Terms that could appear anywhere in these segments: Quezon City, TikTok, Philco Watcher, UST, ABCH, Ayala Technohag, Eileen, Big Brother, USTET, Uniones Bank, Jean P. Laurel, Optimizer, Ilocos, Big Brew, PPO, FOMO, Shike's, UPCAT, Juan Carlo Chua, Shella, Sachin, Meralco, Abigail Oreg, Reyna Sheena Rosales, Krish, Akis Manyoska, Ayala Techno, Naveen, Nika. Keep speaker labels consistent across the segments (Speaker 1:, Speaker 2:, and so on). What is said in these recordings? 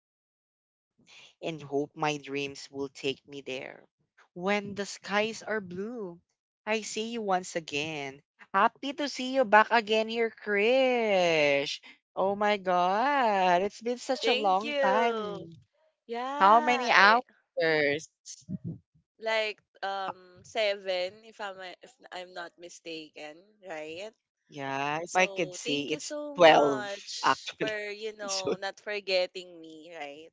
Speaker 1: prayer and hope my dreams will take me there. When the skies are blue, I see you once again. Happy to see you back again here, Krish. Oh my God, it's been such a
Speaker 2: Thank
Speaker 1: long
Speaker 2: you.
Speaker 1: time. How many
Speaker 2: Yeah,
Speaker 1: hours?
Speaker 2: like seven if I'm not mistaken, right?
Speaker 1: Yeah, if I could
Speaker 2: So thank
Speaker 1: see,
Speaker 2: you
Speaker 1: it's
Speaker 2: so
Speaker 1: 12
Speaker 2: much for
Speaker 1: actually. So
Speaker 2: not forgetting me, right?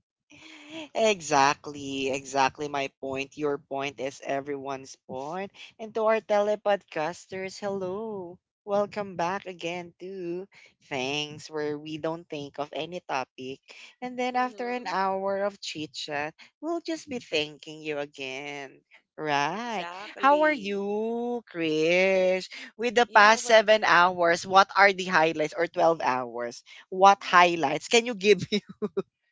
Speaker 1: Exactly, exactly my point. Your point is everyone's point. And to our telepodcasters, hello. Welcome back again to thanks, where we don't think of any topic. And then after an
Speaker 2: Mm-hmm.
Speaker 1: hour of chit chat, we'll just be thanking you again. Right. How are
Speaker 2: Exactly.
Speaker 1: you, Krish? With the
Speaker 2: You know
Speaker 1: past
Speaker 2: what?
Speaker 1: 7 hours, what are the highlights, or 12 hours? What highlights can you give?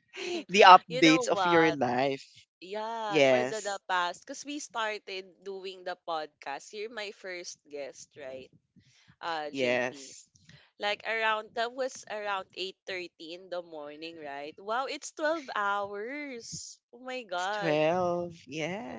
Speaker 1: The
Speaker 2: You know
Speaker 1: updates of your
Speaker 2: what?
Speaker 1: life.
Speaker 2: Yeah, for the
Speaker 1: Yes.
Speaker 2: past, because we started doing the podcast. You're my first guest, right? JP.
Speaker 1: Yes.
Speaker 2: Like around that was around 8:30 in the morning, right? Wow, it's 12 hours. Oh my
Speaker 1: It's
Speaker 2: God.
Speaker 1: 12.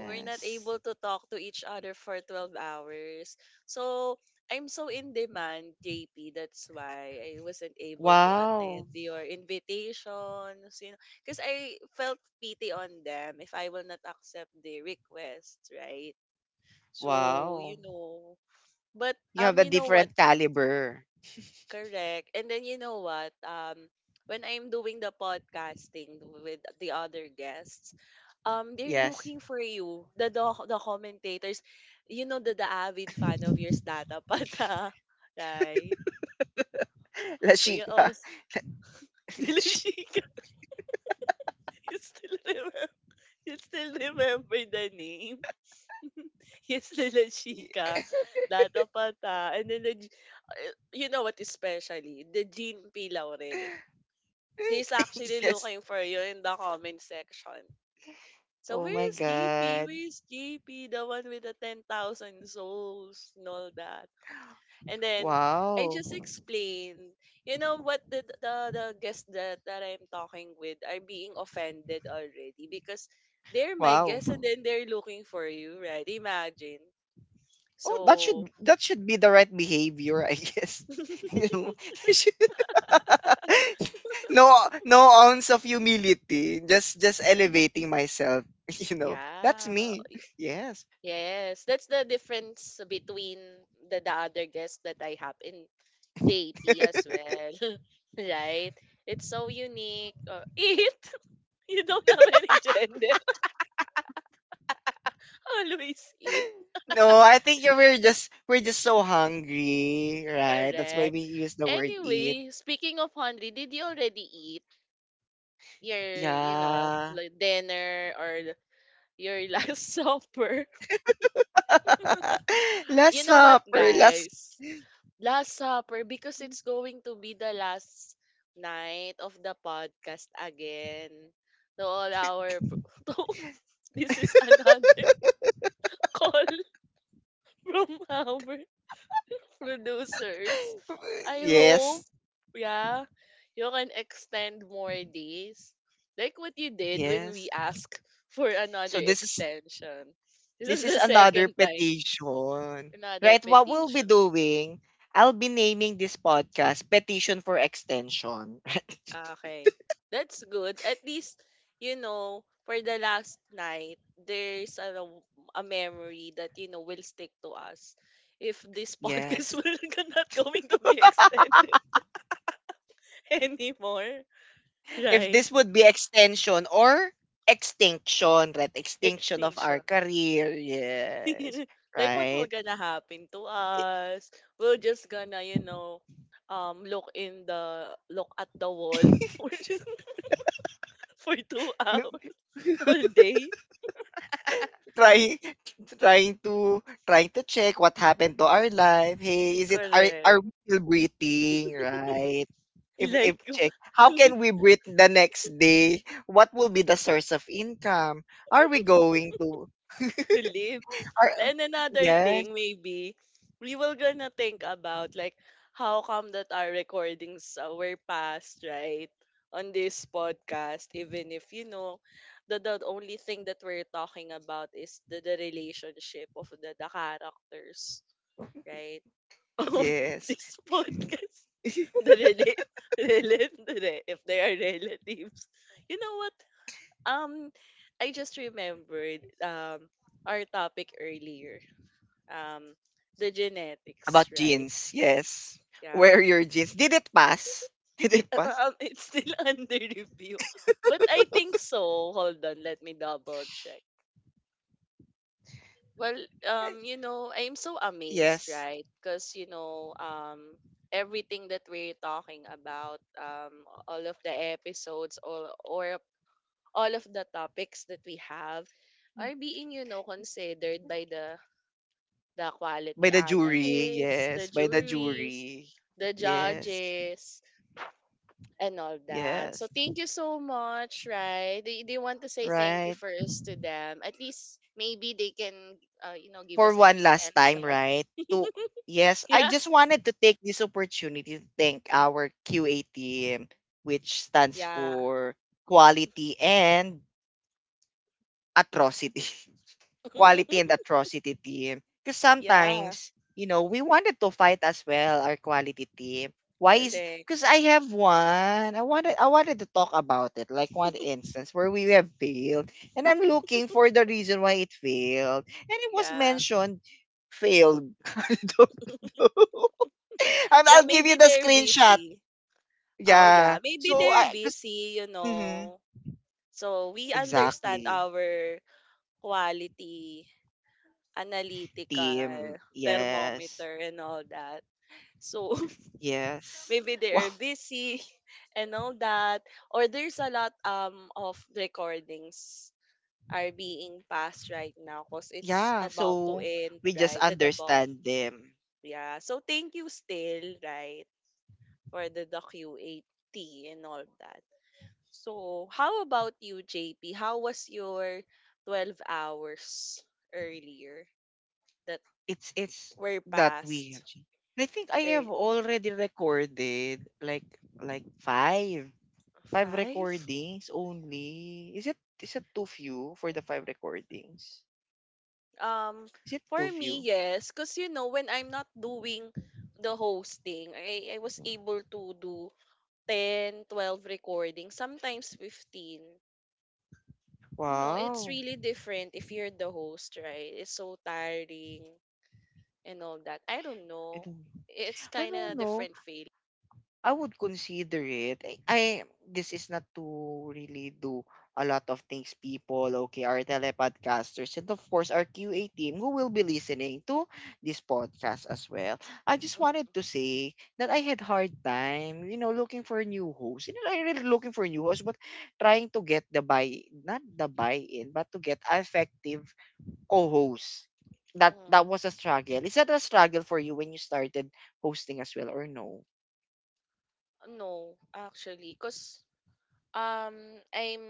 Speaker 2: We're not able to talk to each other for 12 hours. So, I'm so in demand, JP. That's why I wasn't able to
Speaker 1: Wow.
Speaker 2: attend your invitations, because I felt pity on them if I will not accept the requests, right? So,
Speaker 1: Wow.
Speaker 2: but
Speaker 1: You have a
Speaker 2: you know what?
Speaker 1: different caliber.
Speaker 2: Correct. And then you know what? When I'm doing the podcasting with the other guests, they're
Speaker 1: Yes.
Speaker 2: looking for you. The commentators, the avid fan of yours, Data Pata, right? We
Speaker 1: Lashika.
Speaker 2: also still
Speaker 1: Lashi-
Speaker 2: Chica. You still remember? You still remember the name? Yes, still a Data Pata, and then you know what? Especially the Jean P. Laurel. He's actually
Speaker 1: yes.
Speaker 2: looking for you in the comment section. So
Speaker 1: Oh
Speaker 2: where
Speaker 1: my
Speaker 2: is JP? Where
Speaker 1: god.
Speaker 2: is JP? The one with the 10,000 souls and all that. And then I
Speaker 1: Wow.
Speaker 2: just explained, you know what the guests that I'm talking with are being offended already because they're my
Speaker 1: Wow.
Speaker 2: guests and then they're looking for you, right? Imagine.
Speaker 1: Oh, that
Speaker 2: So,
Speaker 1: should, that should be the right behavior, I guess. you know, no, no ounce of humility, just elevating myself, you know, that's
Speaker 2: yeah.
Speaker 1: me. Yes.
Speaker 2: Yes, that's the difference between the other guests that I have in JP as well. right? It's so unique. Eat! You don't have any gender. Always eat.
Speaker 1: No, I think we're just, so hungry, right? That's why we
Speaker 2: Correct.
Speaker 1: use the word eat.
Speaker 2: Anyway, speaking of hungry, did you already eat your,
Speaker 1: Yeah.
Speaker 2: like dinner or your last supper?
Speaker 1: Last
Speaker 2: You know what,
Speaker 1: supper. Last.
Speaker 2: guys? Last Supper, because it's going to be the last night of the podcast again. To all our this is another call from our producers. I
Speaker 1: Yes.
Speaker 2: hope, yeah, you can extend more days. Like what you did when we
Speaker 1: Yes.
Speaker 2: asked for another
Speaker 1: So this is,
Speaker 2: extension. This is
Speaker 1: this is
Speaker 2: the
Speaker 1: another
Speaker 2: second time,
Speaker 1: petition.
Speaker 2: another
Speaker 1: Right, what we'll be
Speaker 2: petition.
Speaker 1: doing. I'll be naming this podcast petition for extension.
Speaker 2: Okay. That's good. At least, for the last night, there's a memory that, will stick to us. If this podcast
Speaker 1: Yes.
Speaker 2: will not going to be extended anymore,
Speaker 1: If
Speaker 2: right?
Speaker 1: this would be extension or extinction, right? Extinction of our
Speaker 2: Extinction.
Speaker 1: career. Yes.
Speaker 2: Like what will
Speaker 1: Right?
Speaker 2: gonna happen to us? We're just gonna, look at the wall for just for two hours all day.
Speaker 1: trying trying to check what happened to our life. Hey, is it are
Speaker 2: Correct.
Speaker 1: we still breathing, right? If
Speaker 2: Like
Speaker 1: check, how can we breathe the next day? What will be the source of income? Are we going to,
Speaker 2: to live.
Speaker 1: are,
Speaker 2: And another
Speaker 1: yes,
Speaker 2: thing, maybe, we will gonna think about like how come that our recordings were passed, right? On this podcast, even if the only thing that we're talking about is the relationship of the characters, right? Of
Speaker 1: yes.
Speaker 2: this podcast. The relate, relate, if they are relatives. You know what? Um, I just remembered our topic earlier. Um, the genetics,
Speaker 1: About
Speaker 2: right?
Speaker 1: jeans, yes.
Speaker 2: Yeah.
Speaker 1: Wear your jeans. Did it pass? Did
Speaker 2: Yeah,
Speaker 1: it pass?
Speaker 2: it's still under review, but I think so. Hold on, let me double check. Well,
Speaker 1: Eh,
Speaker 2: I'm so amazed,
Speaker 1: yes.
Speaker 2: right? Because everything that we're talking about, all of the episodes, all of the topics that we have are being considered by the quality
Speaker 1: By the jury,
Speaker 2: analysts, the
Speaker 1: yes. By the
Speaker 2: juries,
Speaker 1: jury.
Speaker 2: the
Speaker 1: Yes.
Speaker 2: judges, and all that. So
Speaker 1: Yes.
Speaker 2: thank you so much, right? They want to say thank you
Speaker 1: Right.
Speaker 2: first to them. At least maybe they can, give
Speaker 1: For
Speaker 2: us an
Speaker 1: one last
Speaker 2: extension.
Speaker 1: time, right? To, yes, I
Speaker 2: Yeah.
Speaker 1: just wanted to take this opportunity to thank our QA team, which stands
Speaker 2: Yeah.
Speaker 1: for quality and atrocity. Quality and atrocity team. Because
Speaker 2: Yeah.
Speaker 1: sometimes, you know, we wanted to fight as well, our quality team. Why is
Speaker 2: Correct.
Speaker 1: because I have one. I wanted to talk about it, like one instance where we have failed. And I'm looking for the reason why it failed. And it was
Speaker 2: Yeah.
Speaker 1: mentioned failed. I don't know.
Speaker 2: Yeah,
Speaker 1: I'll give
Speaker 2: maybe
Speaker 1: you the
Speaker 2: they're
Speaker 1: screenshot.
Speaker 2: busy. Oh,
Speaker 1: Yeah.
Speaker 2: yeah. Maybe
Speaker 1: So
Speaker 2: they're
Speaker 1: I, because
Speaker 2: busy. So we understand
Speaker 1: exactly.
Speaker 2: our quality
Speaker 1: Team.
Speaker 2: analytical
Speaker 1: Yes.
Speaker 2: thermometer and all that. So
Speaker 1: Yes.
Speaker 2: maybe they
Speaker 1: Wow.
Speaker 2: are busy and all that. Or there's a lot of recordings are being passed right now because it's
Speaker 1: Yeah,
Speaker 2: about to
Speaker 1: so
Speaker 2: end,
Speaker 1: we just
Speaker 2: right? The about
Speaker 1: understand them.
Speaker 2: Yeah. So thank you still, right, for the QAT and all that. So how about you, JP? How was your 12 hours earlier that
Speaker 1: It's
Speaker 2: were
Speaker 1: that we
Speaker 2: passed?
Speaker 1: actually. I think I have
Speaker 2: er,
Speaker 1: already recorded like five, five
Speaker 2: Five?
Speaker 1: recordings only. Is it, is it too few for the five recordings?
Speaker 2: Um,
Speaker 1: Is it too
Speaker 2: for me,
Speaker 1: few?
Speaker 2: yes. Because, when I'm not doing the hosting, I was
Speaker 1: Hmm.
Speaker 2: able to do 10, 12 recordings, sometimes 15. It's
Speaker 1: Wow.
Speaker 2: really different if you're the host, right? It's so tiring and all that. I don't
Speaker 1: I
Speaker 2: know.
Speaker 1: don't
Speaker 2: It's
Speaker 1: I
Speaker 2: kind
Speaker 1: don't
Speaker 2: of
Speaker 1: know.
Speaker 2: different feeling.
Speaker 1: I would consider it. This is not to really do a lot of things, people. Okay, our telepodcasters and of course our QA team who will be listening to this podcast as well. I just
Speaker 2: Mm-hmm.
Speaker 1: wanted to say that I had hard time, you know, looking for a new host. You know, I really looking for a new host, but trying to get the buy, not the buy-in, but to get effective co-host. That
Speaker 2: Mm-hmm.
Speaker 1: that was a struggle. Is that a struggle for you when you started hosting as well or no?
Speaker 2: No, actually. Because um, I'm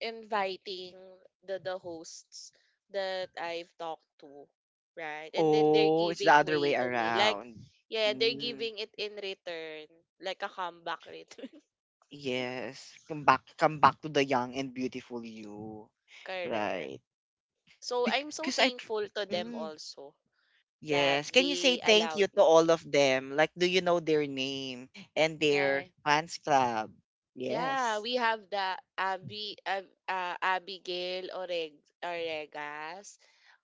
Speaker 2: inviting the hosts that I've talked to, right? And then they're
Speaker 1: Oh, it's the
Speaker 2: giving
Speaker 1: other
Speaker 2: way
Speaker 1: way
Speaker 2: to me. Like,
Speaker 1: around.
Speaker 2: yeah, they're
Speaker 1: Mm,
Speaker 2: giving it in return, like a comeback return.
Speaker 1: yes. Come back to the young and beautiful you.
Speaker 2: Correct.
Speaker 1: Right.
Speaker 2: So I'm so
Speaker 1: Because
Speaker 2: thankful to them
Speaker 1: Mm,
Speaker 2: also that
Speaker 1: yes. Can you say
Speaker 2: they
Speaker 1: thank
Speaker 2: allowed
Speaker 1: you to
Speaker 2: me.
Speaker 1: all of them? Like, do you know their name and their
Speaker 2: Right.
Speaker 1: fans club?
Speaker 2: Yeah,
Speaker 1: Yes.
Speaker 2: we have the Abigail Oregas,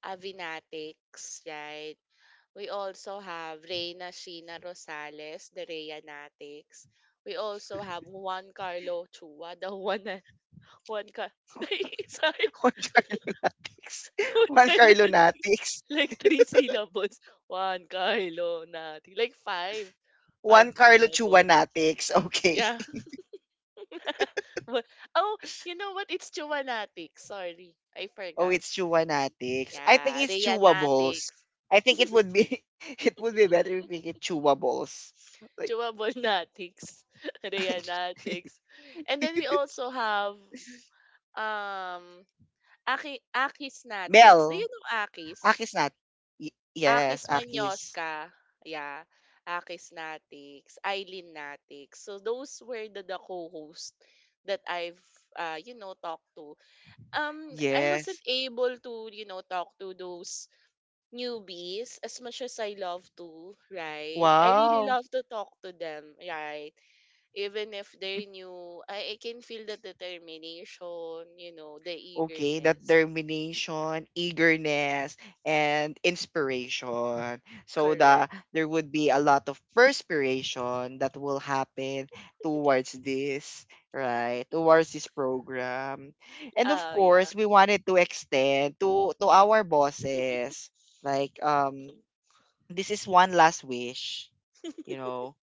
Speaker 2: Avinatics, right? We also have Reyna Sheena Rosales, the Reyanatics. We also have Juan Carlo Chua, the Juan, na- Juan Car sorry,
Speaker 1: One Carlo Natics.
Speaker 2: Juan
Speaker 1: One
Speaker 2: Carlo
Speaker 1: Carlo
Speaker 2: na,
Speaker 1: Natics.
Speaker 2: like three syllables. Juan Carlo Nati, like five
Speaker 1: One Carlo
Speaker 2: syllables.
Speaker 1: Chuanatics. Okay.
Speaker 2: Yeah. What? Oh, you know what? It's Chuwanatics. Sorry, I
Speaker 1: Oh,
Speaker 2: forgot.
Speaker 1: it's Chewanatics. I think
Speaker 2: Yeah,
Speaker 1: it's chewables.
Speaker 2: Rayanatics.
Speaker 1: I think it would be, it would be better if we get chewables. Like
Speaker 2: Chuwabonatics. Rayanatics. And then we also have um Akisnatics. Do you
Speaker 1: bell,
Speaker 2: know Akis?
Speaker 1: Aki's not. Yes,
Speaker 2: Akis
Speaker 1: Aki's.
Speaker 2: Manyoska. Yeah. Akisnatics, Eileennatics. So those were the co-hosts that I've talked to. I wasn't
Speaker 1: Yes.
Speaker 2: able to, talk to those newbies as much as I love to, right? I really
Speaker 1: Wow.
Speaker 2: love to talk to them, right? Even if they're new, I can feel the determination, the
Speaker 1: Okay, that
Speaker 2: eagerness.
Speaker 1: determination, eagerness, and inspiration. So that
Speaker 2: Correct.
Speaker 1: there would be a lot of perspiration that will happen towards this, right? Towards this program. And of
Speaker 2: Yeah.
Speaker 1: course, we wanted to extend to our bosses. Like um, this is one last wish, you know.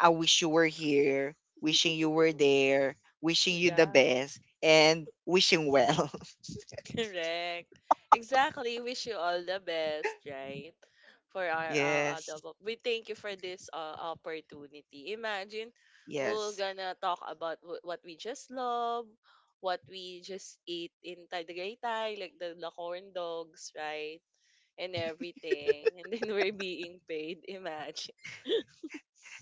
Speaker 1: I wish you were here, wishing you were there, wishing you the
Speaker 2: Yeah.
Speaker 1: best, and wishing well.
Speaker 2: Correct. Exactly. Wish you all the best, right? For our
Speaker 1: Yes.
Speaker 2: double. We thank you for this opportunity. Imagine we're
Speaker 1: Yes.
Speaker 2: gonna talk about what we just love, what we just eat in Tagaytay, like the corn dogs, right? And everything. And then we're being paid. Imagine,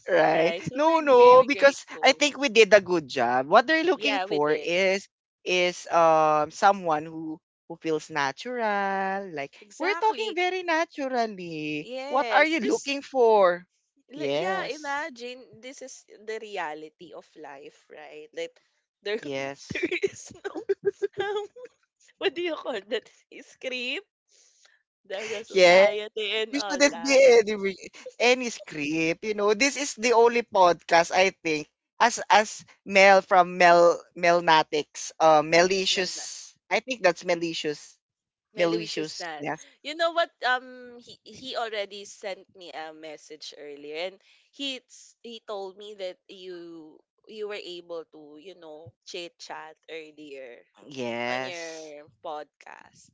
Speaker 1: Right.
Speaker 2: right? So
Speaker 1: No,
Speaker 2: we're
Speaker 1: no,
Speaker 2: very
Speaker 1: because I
Speaker 2: grateful.
Speaker 1: think we did a good job. What they're looking
Speaker 2: Yeah, we
Speaker 1: for
Speaker 2: did.
Speaker 1: is um, someone who feels natural. Like we're talking
Speaker 2: Exactly.
Speaker 1: very naturally. What are
Speaker 2: Yes,
Speaker 1: you
Speaker 2: because
Speaker 1: looking for?
Speaker 2: Yeah,
Speaker 1: Yes.
Speaker 2: imagine this is the reality of life, right? Like there there
Speaker 1: Yes.
Speaker 2: is no um, what do you call that? Script, the
Speaker 1: Yes.
Speaker 2: society and
Speaker 1: You
Speaker 2: all
Speaker 1: shouldn't be
Speaker 2: that.
Speaker 1: any re- any script, you know. This is the only podcast I think. As Mel from Mel Melnatics,
Speaker 2: Mel na.
Speaker 1: malicious. I think that's malicious.
Speaker 2: Melucious
Speaker 1: Malicious.
Speaker 2: na.
Speaker 1: Yes.
Speaker 2: You know what? He already sent me a message earlier, and he told me that you were able to chit chat earlier on
Speaker 1: Yes.
Speaker 2: your podcast.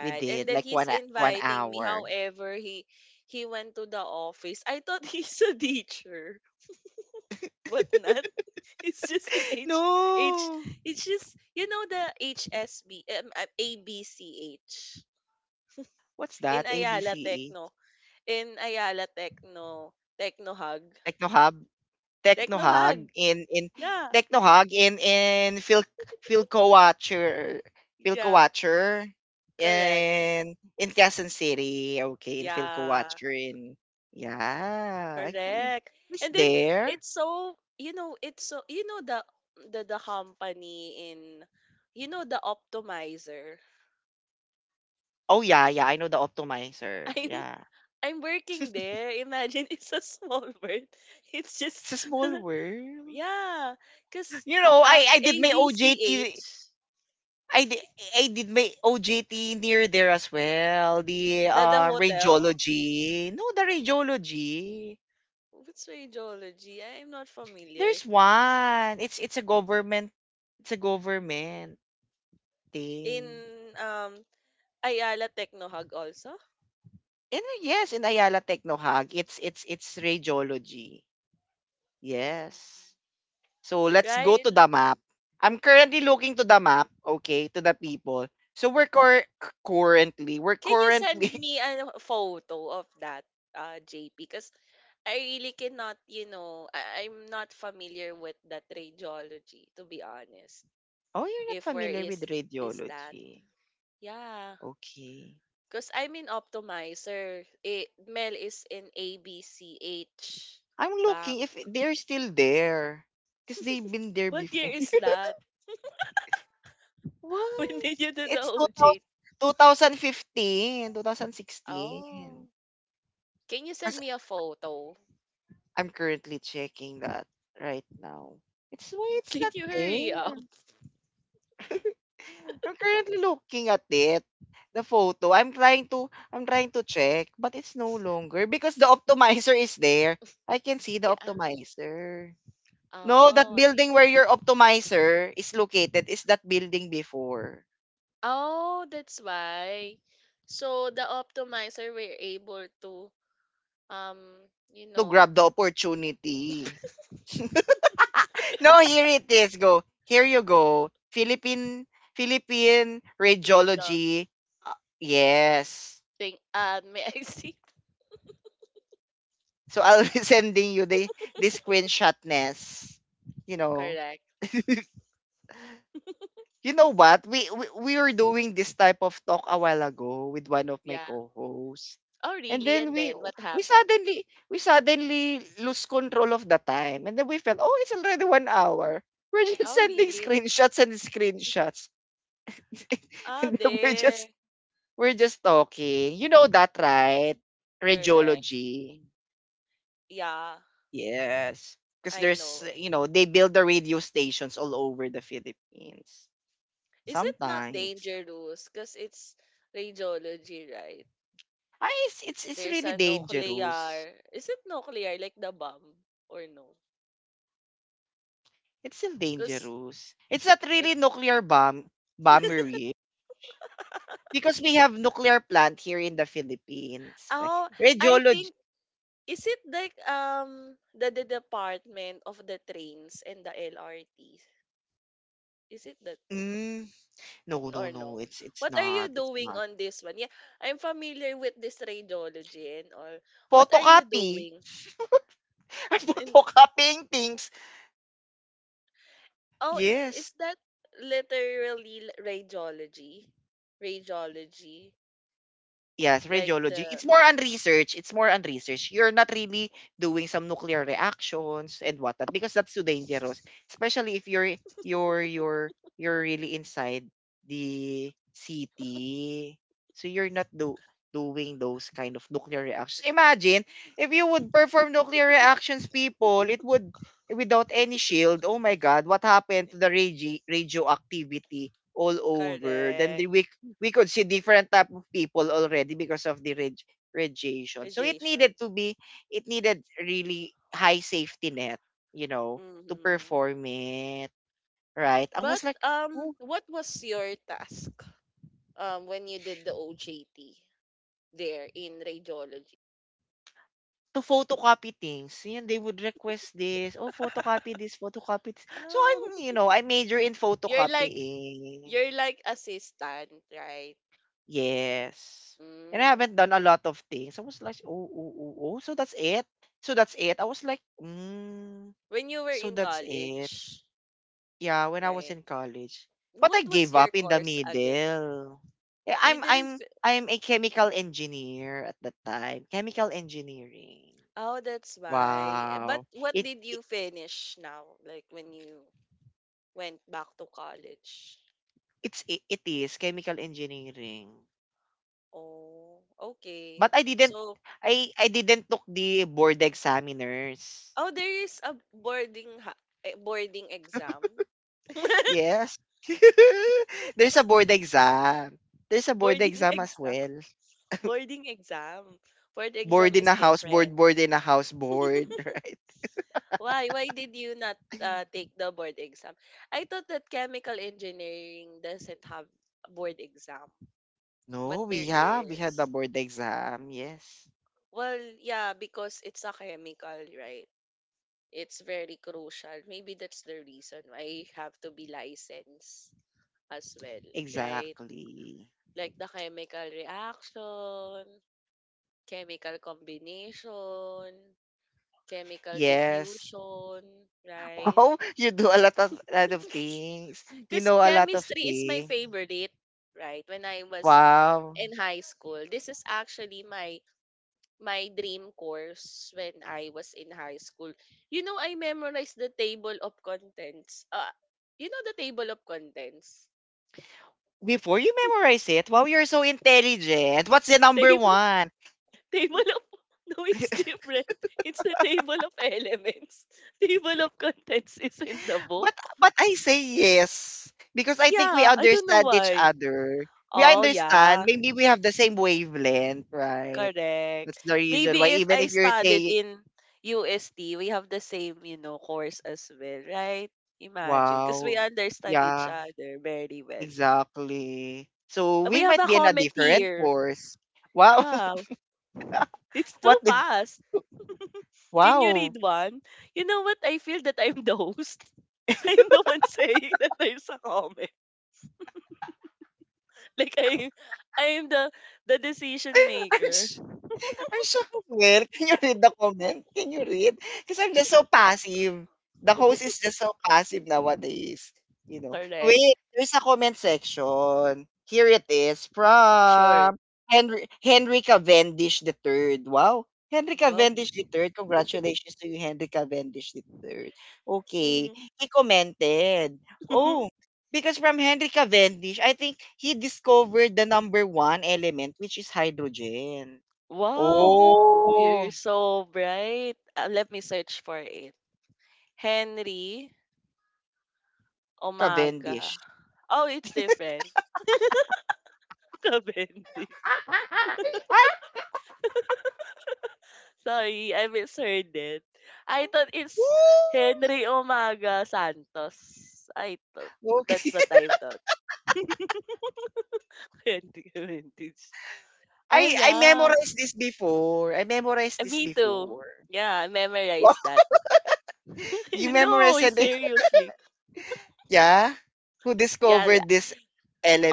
Speaker 1: We
Speaker 2: And
Speaker 1: did
Speaker 2: then
Speaker 1: like
Speaker 2: he's
Speaker 1: one
Speaker 2: inviting me.
Speaker 1: hour.
Speaker 2: However, he went to the office. I thought he's a teacher, but not. It's just an H.
Speaker 1: No.
Speaker 2: It's just the HSB ABCH
Speaker 1: What's
Speaker 2: in
Speaker 1: that? A B C E.
Speaker 2: Ayala Techno
Speaker 1: Technohub.
Speaker 2: Hug.
Speaker 1: Technohag in
Speaker 2: Yeah,
Speaker 1: Technohag in Phil, Philco Watcher, Philco
Speaker 2: yeah,
Speaker 1: Watcher
Speaker 2: correct.
Speaker 1: in in Quezon City. Okay, in Philco
Speaker 2: Yeah.
Speaker 1: Watcher in, yeah.
Speaker 2: Correct.
Speaker 1: Is
Speaker 2: And then
Speaker 1: there?
Speaker 2: it's so it's so the company in the optimizer.
Speaker 1: Oh yeah, yeah. I know the optimizer.
Speaker 2: I'm
Speaker 1: Yeah.
Speaker 2: I'm working there. Imagine it's a small word. It's just,
Speaker 1: It's a small world.
Speaker 2: yeah, cause
Speaker 1: You know, I did
Speaker 2: A
Speaker 1: my
Speaker 2: B C
Speaker 1: OJT.
Speaker 2: H
Speaker 1: I did, I did my OJT near there as well. The
Speaker 2: the hotel.
Speaker 1: radiology. No, the radiology.
Speaker 2: What's radiology? I'm not familiar
Speaker 1: There's one. It's a government, it's a government
Speaker 2: in
Speaker 1: thing.
Speaker 2: um Ayala Technohag also.
Speaker 1: And yes, in Ayala Technohag, it's it's radiology.
Speaker 2: Mm.
Speaker 1: Yes. So let's go
Speaker 2: Right?
Speaker 1: to the map. I'm currently looking to the map, okay, to the people. So currently, we're
Speaker 2: Can you send
Speaker 1: currently.
Speaker 2: me a photo of that, JP? Because I really cannot, I'm not familiar with that radiology, to be honest.
Speaker 1: Oh, you're not
Speaker 2: If where
Speaker 1: familiar with
Speaker 2: is that?
Speaker 1: radiology.
Speaker 2: Yeah.
Speaker 1: Okay.
Speaker 2: Because I'm in Optimizer. Mel is in ABCH
Speaker 1: I'm
Speaker 2: Bang.
Speaker 1: looking if they're still there because they've been there
Speaker 2: What year
Speaker 1: before.
Speaker 2: is that? When
Speaker 1: What?
Speaker 2: did you do the
Speaker 1: It's
Speaker 2: OJ?
Speaker 1: 2000 twenty fifteen, two thousand
Speaker 2: Oh.
Speaker 1: sixteen.
Speaker 2: Can you
Speaker 1: As
Speaker 2: send
Speaker 1: 'Cause
Speaker 2: me a photo?
Speaker 1: I'm currently checking that right now. It's why it's
Speaker 2: Can
Speaker 1: not
Speaker 2: you hurry up?
Speaker 1: there. I'm currently looking at it, the photo. I'm trying to check, but it's no longer because the optimizer is there. I can see the
Speaker 2: Yeah.
Speaker 1: optimizer. No, that
Speaker 2: Oh, I
Speaker 1: building where your optimizer is located is that building before
Speaker 2: Oh, that's why. So the optimizer were able to um, you
Speaker 1: to
Speaker 2: know,
Speaker 1: grab the opportunity. No, here it is. Go. Here you go. Philippine, Philippine
Speaker 2: resolve
Speaker 1: radiology. Uh, yes.
Speaker 2: thing. May I see?
Speaker 1: So I'll be sending you the screenshotness. You know.
Speaker 2: Correct.
Speaker 1: You know what? We were doing this type of talk a while ago with one of my
Speaker 2: Yeah.
Speaker 1: co-hosts.
Speaker 2: Oh,
Speaker 1: And
Speaker 2: really?
Speaker 1: then
Speaker 2: And
Speaker 1: we
Speaker 2: then what
Speaker 1: we
Speaker 2: happened?
Speaker 1: suddenly we suddenly lose control of the time. And then we felt, oh, it's already 1 hour. We're just
Speaker 2: Oh,
Speaker 1: sending
Speaker 2: really?
Speaker 1: screenshots and screenshots.
Speaker 2: Ah,
Speaker 1: And then
Speaker 2: there.
Speaker 1: we're just talking. You know that, right?
Speaker 2: Correct.
Speaker 1: Radiology.
Speaker 2: Yeah,
Speaker 1: Yes. Because
Speaker 2: I know
Speaker 1: there's,
Speaker 2: it.
Speaker 1: you know, they build the radio stations all over the Philippines.
Speaker 2: Is it not
Speaker 1: Sometimes.
Speaker 2: dangerous? Because it's radiology, right?
Speaker 1: Ah, it's
Speaker 2: There's
Speaker 1: really
Speaker 2: a
Speaker 1: dangerous.
Speaker 2: nuclear. Is it nuclear like the bomb or no?
Speaker 1: It's still
Speaker 2: Because
Speaker 1: dangerous. It's not
Speaker 2: it.
Speaker 1: really nuclear bomb, bombery, because we have nuclear plant here in the Philippines. Right?
Speaker 2: Oh, I
Speaker 1: Radiology.
Speaker 2: think. Is it like the department of the trains and the LRT? Is it that
Speaker 1: Mm,
Speaker 2: or
Speaker 1: no.
Speaker 2: no?
Speaker 1: It's
Speaker 2: What are you
Speaker 1: not. It's
Speaker 2: doing
Speaker 1: not.
Speaker 2: on this one? Yeah, I'm familiar with this radiology and all. What are you
Speaker 1: Photocopy.
Speaker 2: doing?
Speaker 1: I'm
Speaker 2: And,
Speaker 1: photocopying things.
Speaker 2: oh,
Speaker 1: Yes.
Speaker 2: is that literally radiology? Radiology,
Speaker 1: Yes,
Speaker 2: like
Speaker 1: radiology.
Speaker 2: the
Speaker 1: It's more on research. It's more on research. You're not really doing some nuclear reactions and whatnot because that's too dangerous. Especially if you're really inside the city. So you're not do doing those kind of nuclear reactions. Imagine if you would perform nuclear reactions, people, it would, without any shield. Oh my God, what happened to the radio, radioactivity all over? Then
Speaker 2: correct
Speaker 1: we could see different type of people already because of the radiation. So it
Speaker 2: radiation.
Speaker 1: needed to be, it needed really high safety net, you know, to
Speaker 2: Mm-hmm.
Speaker 1: perform it, right? I
Speaker 2: But
Speaker 1: was like, oh,
Speaker 2: what was your task when you did the OJT there in radiology?
Speaker 1: to photocopy things, yun, they would request this, oh, photocopy this, photocopy this. So
Speaker 2: Oh.
Speaker 1: I'm, you know, I major in
Speaker 2: You're like
Speaker 1: photocopying.
Speaker 2: you're like assistant, right?
Speaker 1: Yes. And I
Speaker 2: Mm.
Speaker 1: haven't done a lot of things. I was like, oh, oh, oh, oh. So that's it. So that's it. I was like, mm,
Speaker 2: When you were
Speaker 1: so
Speaker 2: in
Speaker 1: that's it.
Speaker 2: college,
Speaker 1: Yeah, when I was
Speaker 2: right?
Speaker 1: in college. But
Speaker 2: What
Speaker 1: I gave
Speaker 2: was your
Speaker 1: up in the
Speaker 2: course again?
Speaker 1: middle. Yeah,
Speaker 2: You didn't. fi-
Speaker 1: I'm a chemical engineer at that time. Chemical engineering.
Speaker 2: Oh, that's why. But
Speaker 1: Wow.
Speaker 2: what
Speaker 1: It,
Speaker 2: did
Speaker 1: it
Speaker 2: you finish now? Like when you went back to college?
Speaker 1: it is chemical engineering.
Speaker 2: Oh, okay.
Speaker 1: But
Speaker 2: So,
Speaker 1: I didn't took the board examiners.
Speaker 2: oh, there is a boarding boarding exam.
Speaker 1: Yes. There's a board exam. There's a board
Speaker 2: boarding
Speaker 1: exam as
Speaker 2: exam.
Speaker 1: well.
Speaker 2: Boarding exam. Board exam
Speaker 1: Board in
Speaker 2: is
Speaker 1: a house board,
Speaker 2: different.
Speaker 1: board in a house board.
Speaker 2: Why? Why did you not
Speaker 1: Right?
Speaker 2: take the board exam? I thought that chemical engineering doesn't have a board exam, but
Speaker 1: No, we
Speaker 2: there
Speaker 1: have. We had the
Speaker 2: is.
Speaker 1: board exam. Yes.
Speaker 2: Well, yeah, because it's a chemical, right? It's very crucial. Maybe that's the reason why you have to be licensed as well, right?
Speaker 1: Exactly.
Speaker 2: Like the chemical reaction, chemical combination, chemical
Speaker 1: Yes.
Speaker 2: diffusion, right?
Speaker 1: Wow, you do a lot of, lot of things. You
Speaker 2: Because
Speaker 1: know a lot of
Speaker 2: chemistry is my
Speaker 1: things.
Speaker 2: favorite, right? When I was
Speaker 1: Wow.
Speaker 2: in high school, this is actually my dream course when I was in high school. I memorized the table of contents. You know the table of contents.
Speaker 1: Before you memorize it, wow, you're so intelligent. What's the number
Speaker 2: Table
Speaker 1: one?
Speaker 2: table of no, it's different. It's the table of elements. Table of contents is in the book.
Speaker 1: But I say yes. Because I think we
Speaker 2: Yeah, I don't know
Speaker 1: understand each
Speaker 2: why.
Speaker 1: other. We
Speaker 2: Oh
Speaker 1: understand.
Speaker 2: yeah.
Speaker 1: Maybe we have the same wavelength, right?
Speaker 2: Correct.
Speaker 1: That's the reason
Speaker 2: Maybe
Speaker 1: why
Speaker 2: if
Speaker 1: even
Speaker 2: I
Speaker 1: if you're
Speaker 2: studied
Speaker 1: saying
Speaker 2: in UST, we have the same, you know, course as well, right? Imagine. Because we
Speaker 1: wow.
Speaker 2: understand each
Speaker 1: Yeah.
Speaker 2: other very well.
Speaker 1: Exactly. So
Speaker 2: We
Speaker 1: we
Speaker 2: have
Speaker 1: might
Speaker 2: a
Speaker 1: be in a
Speaker 2: comment
Speaker 1: different
Speaker 2: here.
Speaker 1: course. Wow.
Speaker 2: Yeah, it's too
Speaker 1: What did,
Speaker 2: fast. Can you
Speaker 1: wow.
Speaker 2: read one? You know what? I feel that I'm the host. I'm the one saying that there's a comment. Like I, I am the decision
Speaker 1: I'm
Speaker 2: maker.
Speaker 1: sh I'm shocked as well. Can you read the comment? Can you read? Because 'Cause I'm just so passive. The host is just so passive nowadays, you know.
Speaker 2: Correct.
Speaker 1: Wait, there's a comment section. Here it is
Speaker 2: Sure.
Speaker 1: from Henry, Henry Cavendish the third. Wow. Henry
Speaker 2: Well.
Speaker 1: Cavendish the third. Congratulations to you, Henry Cavendish the third. Okay.
Speaker 2: Mhm.
Speaker 1: He commented, oh. Because from Henry Cavendish, I think he discovered the number one element, which is hydrogen.
Speaker 2: Wow.
Speaker 1: Oh,
Speaker 2: You're so bright. Let me search for it. Henry Omaga.
Speaker 1: Cavendish.
Speaker 2: Oh, it's different. Bendis. Sorry, I misheard it. I thought it's Henry
Speaker 1: Woo!
Speaker 2: Omaga Santos. I thought
Speaker 1: Okay.
Speaker 2: that's what I thought. Henry Bendis. Oh
Speaker 1: I
Speaker 2: yeah.
Speaker 1: memorized this before. I memorized this
Speaker 2: Me too.
Speaker 1: before.
Speaker 2: Yeah, I
Speaker 1: Wow.
Speaker 2: memorized that.
Speaker 1: You memorized
Speaker 2: No,
Speaker 1: it?
Speaker 2: seriously.
Speaker 1: Yeah? Who
Speaker 2: Yeah.
Speaker 1: discovered this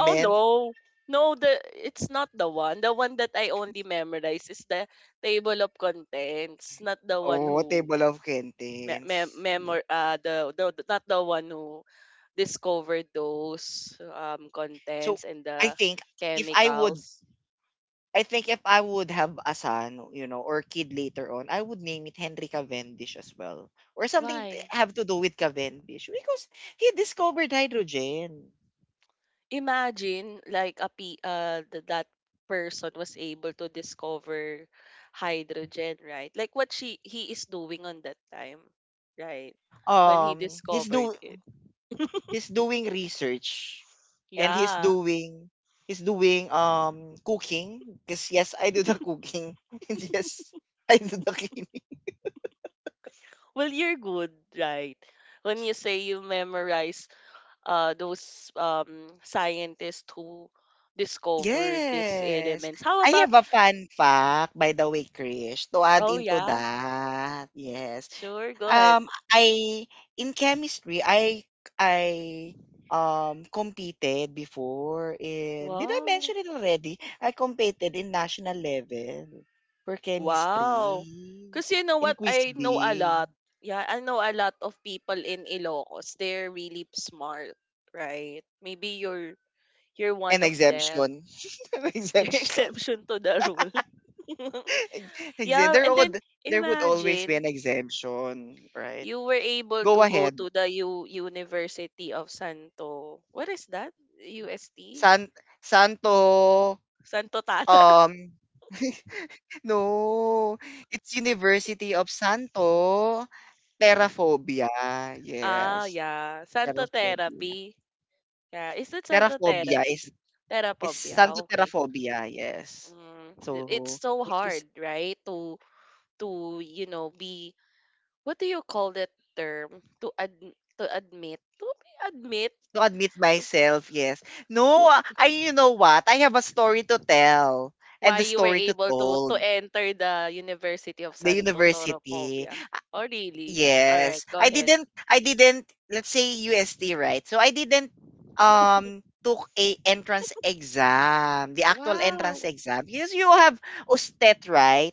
Speaker 2: Oh no. No, the it's not the one. The one that I only memorize is the table of contents, not the one
Speaker 1: Oh,
Speaker 2: who
Speaker 1: table of
Speaker 2: me- mem-
Speaker 1: contents. No.
Speaker 2: memor the- not the one who discovered those
Speaker 1: So,
Speaker 2: contents and
Speaker 1: I
Speaker 2: the
Speaker 1: think if I would
Speaker 2: chemicals.
Speaker 1: I think if I would have a son, you know, or kid later on, I would name it Henry Cavendish as well. Or something
Speaker 2: Why?
Speaker 1: have to do with Cavendish because he discovered hydrogen.
Speaker 2: Imagine like that person was able to discover hydrogen, right? Like what she he is doing on that time, right? When he
Speaker 1: Um he's
Speaker 2: discovered
Speaker 1: do
Speaker 2: it.
Speaker 1: he's doing research and
Speaker 2: Yeah.
Speaker 1: he's doing cooking because yes, I do the cooking. And yes, I do the cleaning.
Speaker 2: Well, you're good, right? When you say you memorize those scientists who discovered these
Speaker 1: Yes.
Speaker 2: elements. How
Speaker 1: I
Speaker 2: about —
Speaker 1: have a fun fact, by the way, Krish, to add
Speaker 2: oh
Speaker 1: into
Speaker 2: yeah,
Speaker 1: that. Yes.
Speaker 2: sure, go ahead.
Speaker 1: I In chemistry, I competed before in did I
Speaker 2: Wow.
Speaker 1: mention it already? I competed in national level for
Speaker 2: Wow.
Speaker 1: chemistry
Speaker 2: Cause you know
Speaker 1: in
Speaker 2: what?
Speaker 1: quiz
Speaker 2: I know a
Speaker 1: B
Speaker 2: lot. Yeah, I know a lot of people in Ilocos. They're really smart, right? Maybe you're one
Speaker 1: and
Speaker 2: of them.
Speaker 1: exemption.
Speaker 2: You're
Speaker 1: Exemption.
Speaker 2: exception to the rule.
Speaker 1: Ex-
Speaker 2: Yeah,
Speaker 1: there
Speaker 2: and then
Speaker 1: would there would always be
Speaker 2: imagine —
Speaker 1: an exemption, right?
Speaker 2: you were able
Speaker 1: Go
Speaker 2: to go
Speaker 1: ahead.
Speaker 2: to the U University of Santo. What is that? UST?
Speaker 1: San Santo
Speaker 2: Santo Tata?
Speaker 1: Um, no, it's University of Santo Terraphobia.
Speaker 2: Ah,
Speaker 1: Yes,
Speaker 2: yeah. Santo
Speaker 1: Terraphobia.
Speaker 2: Therapy. Yeah. Is it Santo
Speaker 1: Terraphobia
Speaker 2: Therapy?
Speaker 1: is
Speaker 2: Therapy. Yeah. Ah,
Speaker 1: Santo
Speaker 2: okay.
Speaker 1: Terraphobia. Yes.
Speaker 2: Mm, it's
Speaker 1: So,
Speaker 2: so
Speaker 1: which is
Speaker 2: hard, right? To — to you know be — what do you call that term? To admit to be admit
Speaker 1: to admit
Speaker 2: to.
Speaker 1: myself. Yes. No, I you know what? I have a story to tell and
Speaker 2: Why
Speaker 1: the
Speaker 2: you were
Speaker 1: story to
Speaker 2: able to
Speaker 1: told.
Speaker 2: enter the University of
Speaker 1: The
Speaker 2: Santo
Speaker 1: university.
Speaker 2: Toropobia? Oh, really? All right,
Speaker 1: Yes.
Speaker 2: go ahead.
Speaker 1: I didn't let's say UST, right? So I didn't took a entrance exam, the actual entrance
Speaker 2: Wow.
Speaker 1: exam. Yes, you have USTET, right?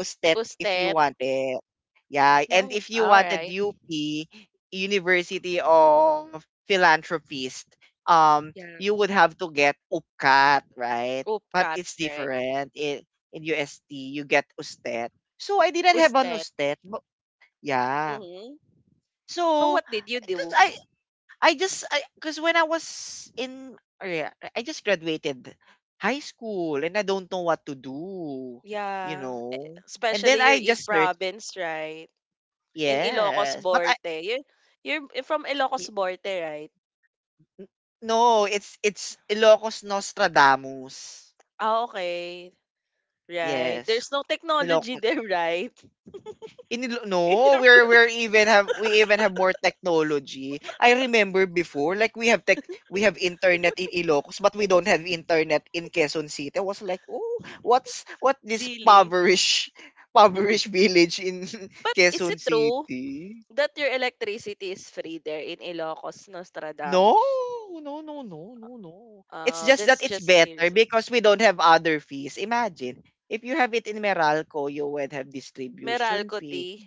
Speaker 1: USTET if you
Speaker 2: Usted?
Speaker 1: want it. Yeah, and
Speaker 2: No.
Speaker 1: if you
Speaker 2: All
Speaker 1: wanted
Speaker 2: right.
Speaker 1: UP, University of Philanthropist,
Speaker 2: Yeah.
Speaker 1: you would have to get UPCAT, right? But
Speaker 2: Upcat,
Speaker 1: it's
Speaker 2: right?
Speaker 1: different. In UST, you get USTET. So I didn't have an
Speaker 2: Usted.
Speaker 1: USTET. But yeah.
Speaker 2: Mm-hmm. So
Speaker 1: So,
Speaker 2: what did you
Speaker 1: because
Speaker 2: do?
Speaker 1: I I just because when I was in or yeah, I just graduated high school and I don't know what to do, you
Speaker 2: Yeah.
Speaker 1: know. And then
Speaker 2: Especially you're
Speaker 1: I
Speaker 2: in
Speaker 1: just searched.
Speaker 2: province, right? In Ilocos
Speaker 1: Yes, but I
Speaker 2: Borte. You're from Ilocos
Speaker 1: y-
Speaker 2: Borte, right?
Speaker 1: n- no, it's Ilocos Nostradamus.
Speaker 2: Ah, okay. Right.
Speaker 1: Yes,
Speaker 2: There's no technology
Speaker 1: ilocos.
Speaker 2: there, right?
Speaker 1: In Ilo-
Speaker 2: In
Speaker 1: no,
Speaker 2: your place.
Speaker 1: we even have more technology. I remember before, like we have tech, we have internet in Ilocos, but we don't have internet in Quezon City. I was like, oh, what's what this
Speaker 2: Really?
Speaker 1: poverish, poverish village in
Speaker 2: But is
Speaker 1: Quezon
Speaker 2: it true
Speaker 1: City?
Speaker 2: that your electricity is free there in Ilocos,
Speaker 1: No,
Speaker 2: Nostradamus?
Speaker 1: no, no, no, no, no. It's just that
Speaker 2: That's
Speaker 1: it's
Speaker 2: just
Speaker 1: better
Speaker 2: news.
Speaker 1: because we don't have other fees. Imagine if you have it in Meralco, you would have distribution
Speaker 2: Meralco
Speaker 1: fee.
Speaker 2: tea.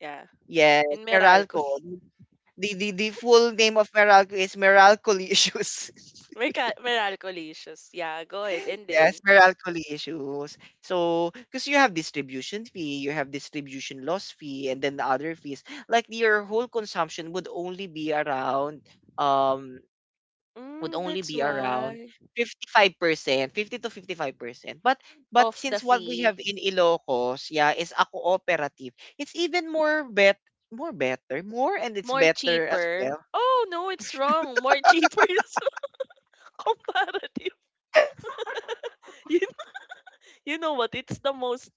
Speaker 2: Yeah,
Speaker 1: Yes,
Speaker 2: in Meralco.
Speaker 1: Meralco. The full name of Meralco is Meralcoli issues.
Speaker 2: Meralcolicious. Yeah, go ahead. And
Speaker 1: Yes,
Speaker 2: then,
Speaker 1: Meralcoli issues. So, because you have distribution fee, you have distribution loss fee, and then the other fees. Like your whole consumption would only be around um would
Speaker 2: mm,
Speaker 1: only
Speaker 2: that's
Speaker 1: be around
Speaker 2: why.
Speaker 1: 55%, 50 to 55%. But
Speaker 2: Off the
Speaker 1: since what we have
Speaker 2: fee.
Speaker 1: in Ilocos, yeah, is a cooperative. It's even more better, more and it's
Speaker 2: More
Speaker 1: better as
Speaker 2: cheaper.
Speaker 1: well.
Speaker 2: Oh, no, it's wrong. More cheaper is comparative. You, you know what? It's the most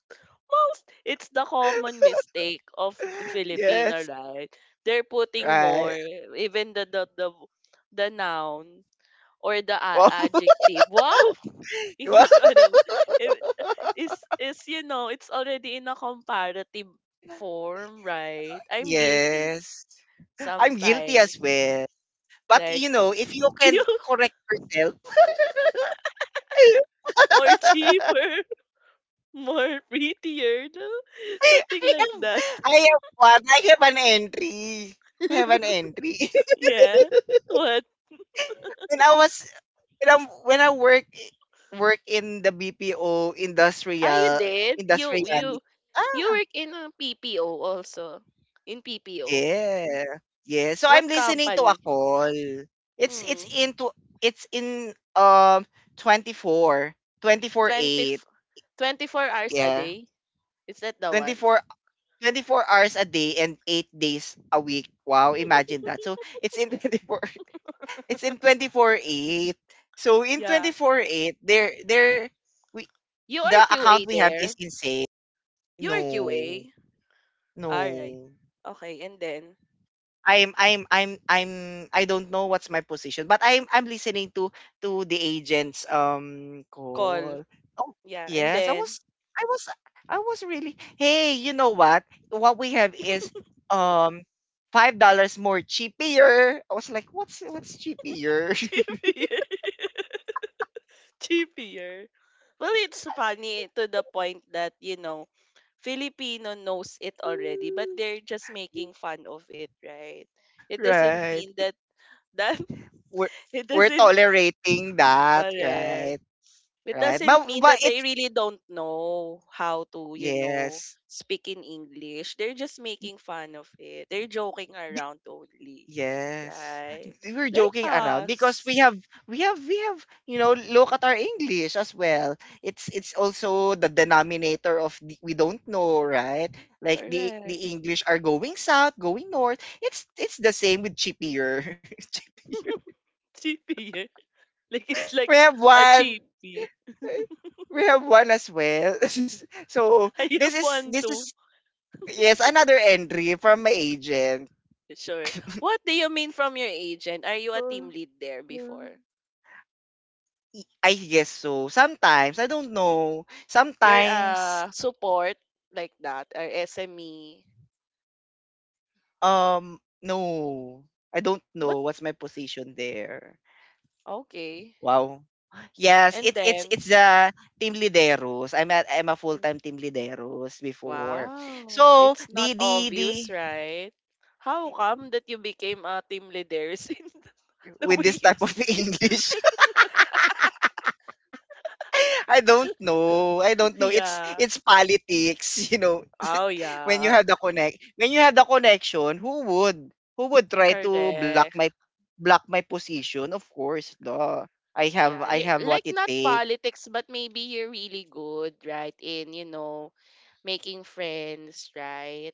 Speaker 2: Most it's the common mistake of the Filipino,
Speaker 1: Yes.
Speaker 2: right? They're putting
Speaker 1: Right.
Speaker 2: more, even the noun or the
Speaker 1: Well,
Speaker 2: adjective. Wow,
Speaker 1: well,
Speaker 2: English ano? Ba? If- Is is you know, it's already in a comparative form, right? I'm guilty
Speaker 1: yes. I'm guilty
Speaker 2: sometimes.
Speaker 1: as well. But
Speaker 2: Like,
Speaker 1: you know, if you
Speaker 2: do
Speaker 1: can
Speaker 2: you —
Speaker 1: correct yourself,
Speaker 2: more cheaper, more prettier, no?
Speaker 1: I
Speaker 2: Something like
Speaker 1: have,
Speaker 2: that.
Speaker 1: I have one. I have an entry. I have an entry.
Speaker 2: Yeah. What?
Speaker 1: when I was when I work work in the BPO
Speaker 2: Oh, you
Speaker 1: industrial
Speaker 2: did? You
Speaker 1: industriality.
Speaker 2: you
Speaker 1: Ah,
Speaker 2: you work in a PPO also. In PPO.
Speaker 1: yeah. Yeah. So I'm
Speaker 2: What
Speaker 1: listening to a
Speaker 2: company?
Speaker 1: call. It's it's
Speaker 2: Hmm.
Speaker 1: into it's in 24,
Speaker 2: 20,
Speaker 1: 24/8.
Speaker 2: f- 24 hours a
Speaker 1: Yeah.
Speaker 2: day? Is that the one?
Speaker 1: 24 24 hours a day and 8 days a week. Wow, imagine that. So it's in 24 it's in 24/8. So in
Speaker 2: Yeah.
Speaker 1: 24/8 there we
Speaker 2: You
Speaker 1: the
Speaker 2: are QA
Speaker 1: account we have
Speaker 2: there.
Speaker 1: is insane.
Speaker 2: You are
Speaker 1: No.
Speaker 2: QA. All right.
Speaker 1: No.
Speaker 2: Okay, and then —
Speaker 1: I'm I don't know what's my position, but I'm listening to the agent's
Speaker 2: call.
Speaker 1: call. Oh
Speaker 2: Yeah, and
Speaker 1: yes,
Speaker 2: then
Speaker 1: I was I was really hey, you know what? What we have is um $5 more cheaper. I was like, what's cheaper?
Speaker 2: T V. Cheapier. Well, it's funny to the point that, you know, Filipino knows it already, but they're just making fun of it, right? It doesn't
Speaker 1: Right.
Speaker 2: mean that
Speaker 1: We're
Speaker 2: it
Speaker 1: we're
Speaker 2: doesn't —
Speaker 1: tolerating that,
Speaker 2: correct.
Speaker 1: right?
Speaker 2: It
Speaker 1: Right.
Speaker 2: doesn't mean
Speaker 1: But
Speaker 2: that they
Speaker 1: it's
Speaker 2: really don't know how to, you know,
Speaker 1: yes.
Speaker 2: speak in English. They're just making fun of it. They're joking around only,
Speaker 1: Yes.
Speaker 2: right?
Speaker 1: We were
Speaker 2: Like
Speaker 1: joking around because
Speaker 2: us.
Speaker 1: we have you know look at our English as well. It's also the denominator of the, we don't know, right? Like the
Speaker 2: Correct.
Speaker 1: the English are going south, going north. It's the same with chippier. Chippier.
Speaker 2: Cheapier. Like it's
Speaker 1: we
Speaker 2: like
Speaker 1: have
Speaker 2: a
Speaker 1: one.
Speaker 2: cheapie.
Speaker 1: We have one as well. so
Speaker 2: I
Speaker 1: this
Speaker 2: have
Speaker 1: is
Speaker 2: one
Speaker 1: this
Speaker 2: too.
Speaker 1: is yes another entry from my agent.
Speaker 2: Sure. What do you mean from your agent? Are you a
Speaker 1: Oh,
Speaker 2: team lead there
Speaker 1: no.
Speaker 2: before?
Speaker 1: I guess so. Sometimes I don't know.
Speaker 2: You're
Speaker 1: Sometimes
Speaker 2: a support like that or SME.
Speaker 1: no. I don't know
Speaker 2: But
Speaker 1: what's my position there.
Speaker 2: okay.
Speaker 1: Wow. Yes,
Speaker 2: And
Speaker 1: it's it's
Speaker 2: then —
Speaker 1: it's the team lideros. I'm a full-time team lideros before.
Speaker 2: wow,
Speaker 1: So
Speaker 2: it's not
Speaker 1: the
Speaker 2: obvious, right? How come that you became a team leader in the
Speaker 1: with this
Speaker 2: way you
Speaker 1: type of
Speaker 2: speak?
Speaker 1: English, I don't know. I don't know.
Speaker 2: Yeah.
Speaker 1: It's politics, you know.
Speaker 2: Oh yeah.
Speaker 1: When you had the connection, who would? Who would try to block
Speaker 2: Correct.
Speaker 1: my position? Of course, duh.
Speaker 2: Yeah,
Speaker 1: I
Speaker 2: you,
Speaker 1: have
Speaker 2: like
Speaker 1: what it
Speaker 2: not
Speaker 1: takes.
Speaker 2: politics, but maybe you're really good, right? In, you know, making friends, right?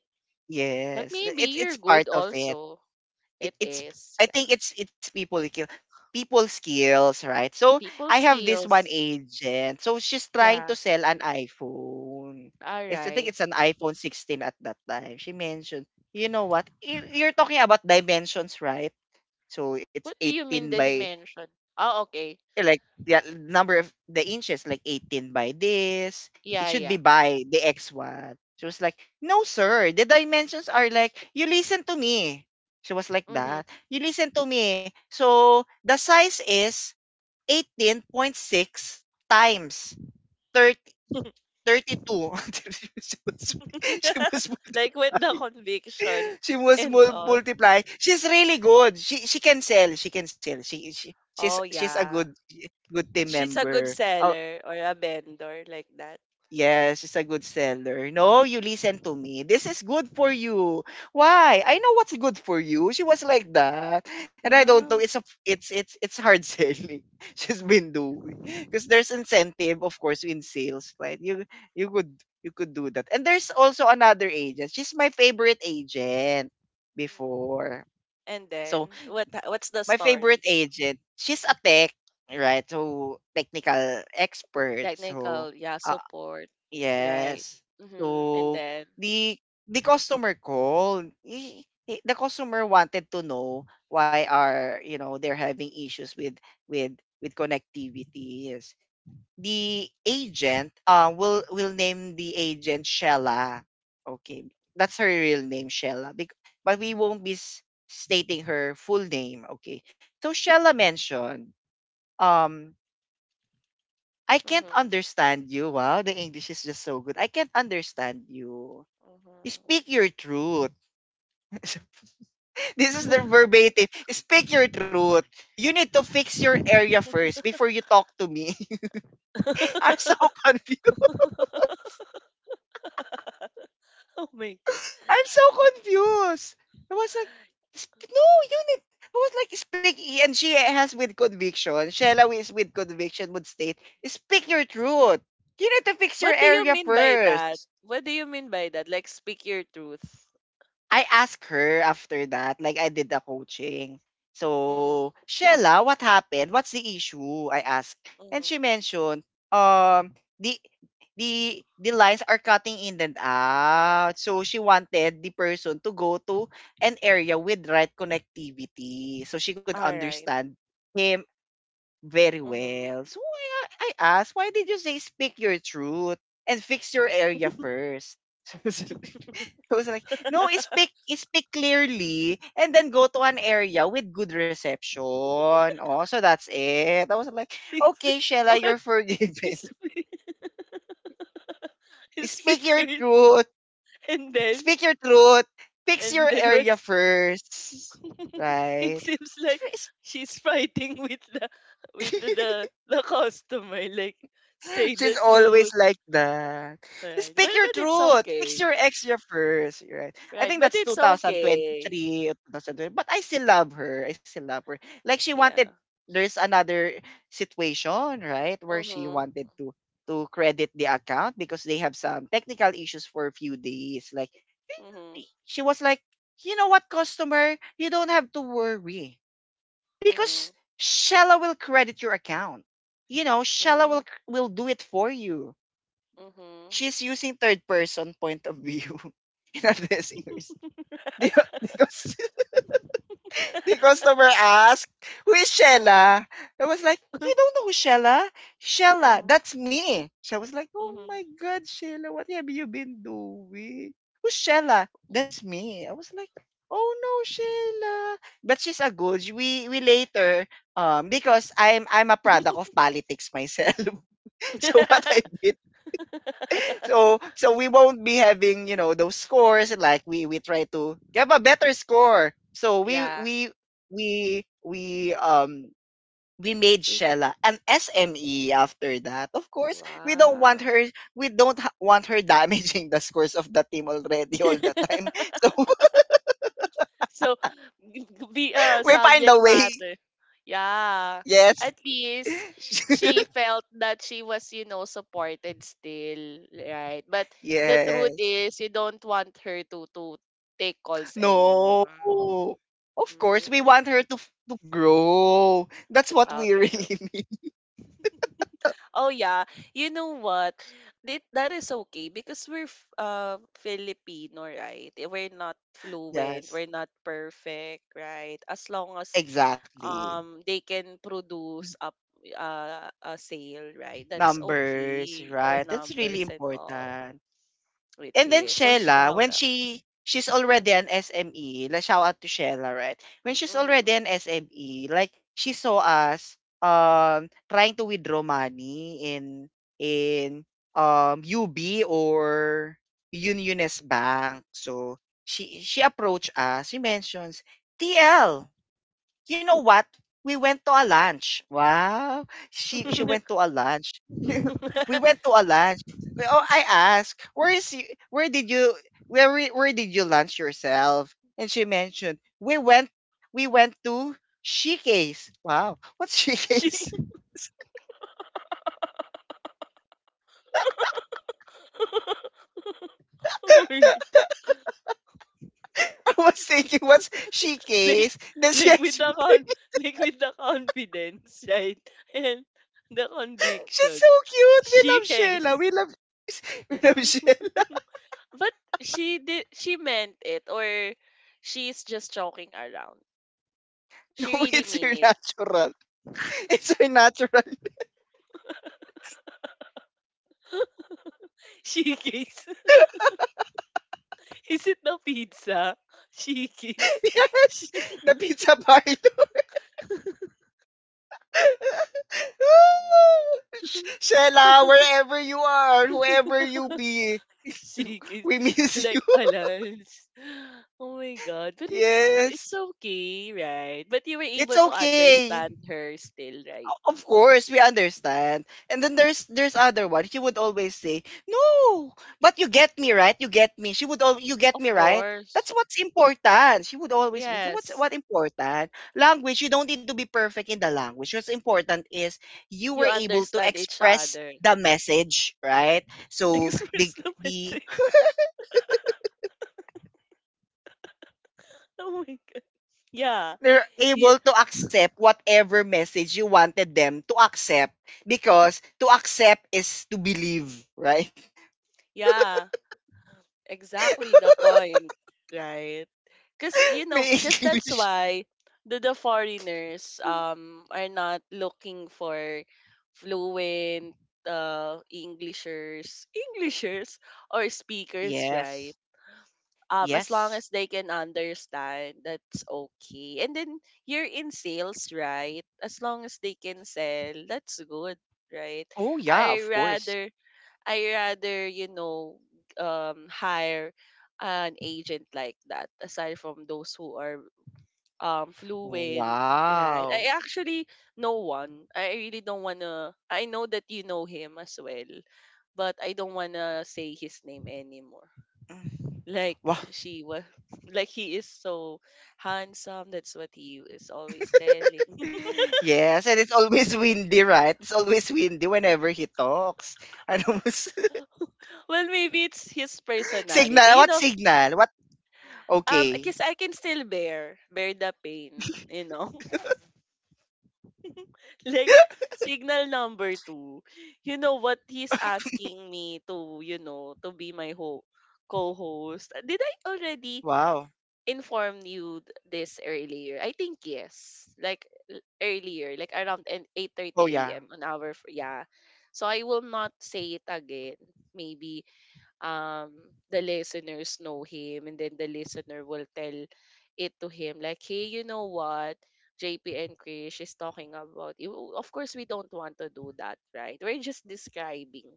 Speaker 2: But
Speaker 1: Yes.
Speaker 2: maybe you're
Speaker 1: It's part
Speaker 2: good
Speaker 1: of it.
Speaker 2: also.
Speaker 1: It
Speaker 2: It
Speaker 1: it's
Speaker 2: is,
Speaker 1: I
Speaker 2: yeah.
Speaker 1: think it's people skills, right? So I
Speaker 2: People
Speaker 1: have this one
Speaker 2: skills.
Speaker 1: agent. So she's trying
Speaker 2: Yeah.
Speaker 1: to sell an iPhone.
Speaker 2: All
Speaker 1: It's, I think
Speaker 2: right.
Speaker 1: it's an iPhone 16 at that time. She mentioned, you know what? You're talking about dimensions, right? So it's
Speaker 2: What do you
Speaker 1: 18
Speaker 2: mean
Speaker 1: by
Speaker 2: dimension? Oh, okay.
Speaker 1: yeah, like the number of the inches, like 18 by this. It
Speaker 2: Yeah,
Speaker 1: should be
Speaker 2: yeah.
Speaker 1: by the X one. She was like, no, sir. The dimensions are like, you listen to me. She was like
Speaker 2: Mm-hmm.
Speaker 1: that. You listen to me. So the size is 18.6 times 30, 32. She was she was
Speaker 2: Like with the conviction
Speaker 1: she must
Speaker 2: and all.
Speaker 1: multiply. She's really good. She can sell. She can sell.
Speaker 2: Oh
Speaker 1: She's a
Speaker 2: yeah.
Speaker 1: good team
Speaker 2: She's a good
Speaker 1: member. Oh,
Speaker 2: seller or a vendor like that.
Speaker 1: yes, it's a good seller. No, you listen to me. This is good for you. Why? I know what's good for you. She was like that. And I don't know.
Speaker 2: Wow.
Speaker 1: It's it's hard selling. She's been doing. Because there's incentive, of course, in sales, right? You you could you could do that. And there's also another agent. She's my favorite agent
Speaker 2: Mm.
Speaker 1: before.
Speaker 2: And then —
Speaker 1: So
Speaker 2: what's the
Speaker 1: my favorite
Speaker 2: story?
Speaker 1: agent, she's a tech, right? So technical expert. So
Speaker 2: Technical, yeah,
Speaker 1: uh,
Speaker 2: support. Right.
Speaker 1: yes.
Speaker 2: Mm-hmm. And
Speaker 1: So
Speaker 2: then —
Speaker 1: the the customer called. The customer wanted to know why are you know they're having issues with with connectivity. Yes. The agent will will name the agent Shella. Okay. That's her real name, Shella. But we won't be stating her full name. Okay. So Shella mentioned um I can't
Speaker 2: mm-hmm.
Speaker 1: understand you. Wow, the English is just so good. I can't understand you. Speak your truth. This is the verbatim. Speak your truth. You need to fix your area first before you talk to me. I'm
Speaker 2: Mm-hmm.
Speaker 1: so confused.
Speaker 2: Oh my god.
Speaker 1: I'm so confused. I was like, "Sp- no, you need. I was like, speak. And she has with conviction. Shella is with conviction would state, speak your truth. You need to fix your
Speaker 2: What do you
Speaker 1: area
Speaker 2: mean by that?
Speaker 1: first.
Speaker 2: What do you mean by that? Like speak your truth.
Speaker 1: I asked her after that, like I did the coaching.
Speaker 2: Mm,
Speaker 1: So, Shella, what happened? What's the issue? I asked. And
Speaker 2: mm-hmm.
Speaker 1: she mentioned, um, the the lines are cutting in and out. So she wanted the person to go to an area with right connectivity so she could
Speaker 2: All right.
Speaker 1: understand him very
Speaker 2: Mm-hmm.
Speaker 1: well. So I asked, why did you say speak your truth and fix your area first? I was like, no, speak clearly and then go to an area with good reception. Oh, so that's it. I was like,
Speaker 2: Please,
Speaker 1: okay, Shella,
Speaker 2: what
Speaker 1: you're forgiven.
Speaker 2: is speak,
Speaker 1: Speak
Speaker 2: speak
Speaker 1: your
Speaker 2: your —
Speaker 1: truth.
Speaker 2: and then —
Speaker 1: Speak your truth. Fix
Speaker 2: and
Speaker 1: your
Speaker 2: then what?
Speaker 1: area first.
Speaker 2: It
Speaker 1: Right?
Speaker 2: seems like
Speaker 1: It's-
Speaker 2: she's fighting with the with the the, the customer like say
Speaker 1: She's
Speaker 2: the
Speaker 1: always
Speaker 2: truth
Speaker 1: like that.
Speaker 2: right
Speaker 1: Speak
Speaker 2: well
Speaker 1: your
Speaker 2: but it's
Speaker 1: truth. Fix
Speaker 2: okay
Speaker 1: your ex your first, right? I
Speaker 2: right
Speaker 1: think
Speaker 2: but
Speaker 1: that's
Speaker 2: it's okay
Speaker 1: 2023, 2020. But I still love her. I still love her. Like she
Speaker 2: yeah
Speaker 1: wanted there's another situation, right? Where she
Speaker 2: mhm
Speaker 1: wanted to credit the account because they have some technical issues for a few days. Like
Speaker 2: mhm
Speaker 1: she was like, you know what, customer, you don't have to worry because
Speaker 2: mhm
Speaker 1: Shella will credit your account. You know, Shella
Speaker 2: mhm
Speaker 1: will do it for you.
Speaker 2: mhm
Speaker 1: She's using third person point of view in our listeners. Because the customer asked, who is
Speaker 2: mhm
Speaker 1: Shella? I was like, you don't know who Shella? Shella,
Speaker 2: mhm
Speaker 1: that's me. So I was like, oh my
Speaker 2: mhm
Speaker 1: God, Shella, what have you been doing? Who's Shella? That's me. I was like, oh no, Shella. But she's a good. We later because I'm a product of politics myself. So what I did so so we won't be having you know those scores like we try to have a better score so
Speaker 2: yeah
Speaker 1: we we um we made
Speaker 2: we c-
Speaker 1: Shella an SME after that. Of course, we don't want
Speaker 2: wow
Speaker 1: her we don't want her damaging the scores of the team already all the time. So
Speaker 2: So, be a
Speaker 1: we find a
Speaker 2: subject
Speaker 1: way.
Speaker 2: matter. Yeah.
Speaker 1: Yes.
Speaker 2: At least she felt that she was, you know, supported still, right? But the truth
Speaker 1: yes.
Speaker 2: is, you don't want her to take calls anymore.
Speaker 1: No. Of course, we
Speaker 2: Mm,
Speaker 1: want her to to grow. That's what
Speaker 2: out
Speaker 1: we
Speaker 2: of group.
Speaker 1: really mean.
Speaker 2: Oh yeah, you know what? That is okay because we're Filipino, right? Eh, we're not fluent,
Speaker 1: Yes.
Speaker 2: we're not perfect, right? As long as
Speaker 1: Exactly.
Speaker 2: they can produce up a sale, right? That's
Speaker 1: Numbers,
Speaker 2: okay. Or
Speaker 1: right? That's really
Speaker 2: numbers and all.
Speaker 1: important.
Speaker 2: It
Speaker 1: And then
Speaker 2: is. So
Speaker 1: Shella,
Speaker 2: shout
Speaker 1: when
Speaker 2: out.
Speaker 1: she's already
Speaker 2: Mm-hmm.
Speaker 1: an SME, let's shout out to Shella, right? When she's already an SME, like she saw us trying to withdraw money in UB or Uniones Bank. So she approached us. She mentions TL. You know what? We went to a lunch. Wow. She
Speaker 2: Mm-hmm.
Speaker 1: went to a lunch. We went to a lunch. I asked, where did you where did you lunch yourself? And she mentioned, we went to Shike's. Wow. What's
Speaker 2: She
Speaker 1: Shike's? I was thinking, what's Shike's?
Speaker 2: like —
Speaker 1: Then she
Speaker 2: like with the
Speaker 1: explained,
Speaker 2: con like with the confidence, right? And the
Speaker 1: she's
Speaker 2: conviction.
Speaker 1: so cute. We
Speaker 2: She
Speaker 1: love Sheila.
Speaker 2: case.
Speaker 1: We love we love Sheila.
Speaker 2: But she did — she meant it or she's just joking around.
Speaker 1: No,
Speaker 2: She really
Speaker 1: it's her
Speaker 2: mean it.
Speaker 1: natural. It's her natural.
Speaker 2: She case. Is it the pizza? Shikis.
Speaker 1: Yes, the pizza parlor. Sh- Shella, wherever you are, whoever you be,
Speaker 2: Shikis.
Speaker 1: we miss you.
Speaker 2: Like alans. Oh my god. But it's
Speaker 1: Yes,
Speaker 2: okay, right? But you were
Speaker 1: it's
Speaker 2: able to
Speaker 1: okay.
Speaker 2: understand her still, right?
Speaker 1: Of course, we understand. And then there's other one. She would always say, "No, but you get me right. You get me." You get me
Speaker 2: Of
Speaker 1: right.
Speaker 2: course.
Speaker 1: That's what's important. She would always mean what's
Speaker 2: Yes.
Speaker 1: what important language. You don't need to be perfect in the language. What's important is you
Speaker 2: You
Speaker 1: were able to
Speaker 2: understand each
Speaker 1: express
Speaker 2: other.
Speaker 1: the message, right? So the
Speaker 2: Express the
Speaker 1: the
Speaker 2: message. Oh my god. Yeah.
Speaker 1: they're
Speaker 2: You,
Speaker 1: able to accept whatever message you wanted them to accept because to accept is to believe, right?
Speaker 2: yeah. Exactly the point, right? Because you know,
Speaker 1: May
Speaker 2: because that's
Speaker 1: English.
Speaker 2: why the foreigners are not looking for fluent Englishers, Englishers or speakers, right?
Speaker 1: Yes.
Speaker 2: As long
Speaker 1: Yes.
Speaker 2: as they can understand, that's okay. And then you're in sales, right? As long as they can sell, that's good, right?
Speaker 1: Oh yeah,
Speaker 2: I
Speaker 1: of course.
Speaker 2: rather I rather, you know, hire an agent like that aside from those who are fluent, right?
Speaker 1: Wow.
Speaker 2: I actually know one. I really don't wanna. I know that you know him as well, but I don't wanna say his name anymore.
Speaker 1: Mm.
Speaker 2: Like
Speaker 1: Wow.
Speaker 2: she was, like he is so handsome. That's what he is always telling.
Speaker 1: Yes, and it's always windy, right? It's always windy whenever he talks. Ano mas
Speaker 2: Well, maybe it's his personality.
Speaker 1: signal?
Speaker 2: You
Speaker 1: What
Speaker 2: know,
Speaker 1: signal? What? Okay.
Speaker 2: because I can still bear the pain, you know. Like signal number two, you know what he's asking me to, you know, to be my co-host. Did I already
Speaker 1: Wow.
Speaker 2: inform you this earlier? I think yes. Like earlier, like around an
Speaker 1: Oh
Speaker 2: 8:30
Speaker 1: yeah.
Speaker 2: a.m. an hour for, yeah. So I will not say it again. Maybe um the listeners know him and then the listener will tell it to him like, hey, you know what, JP and Krish is talking about you. Well, of course we don't want to do that, right? We're just describing,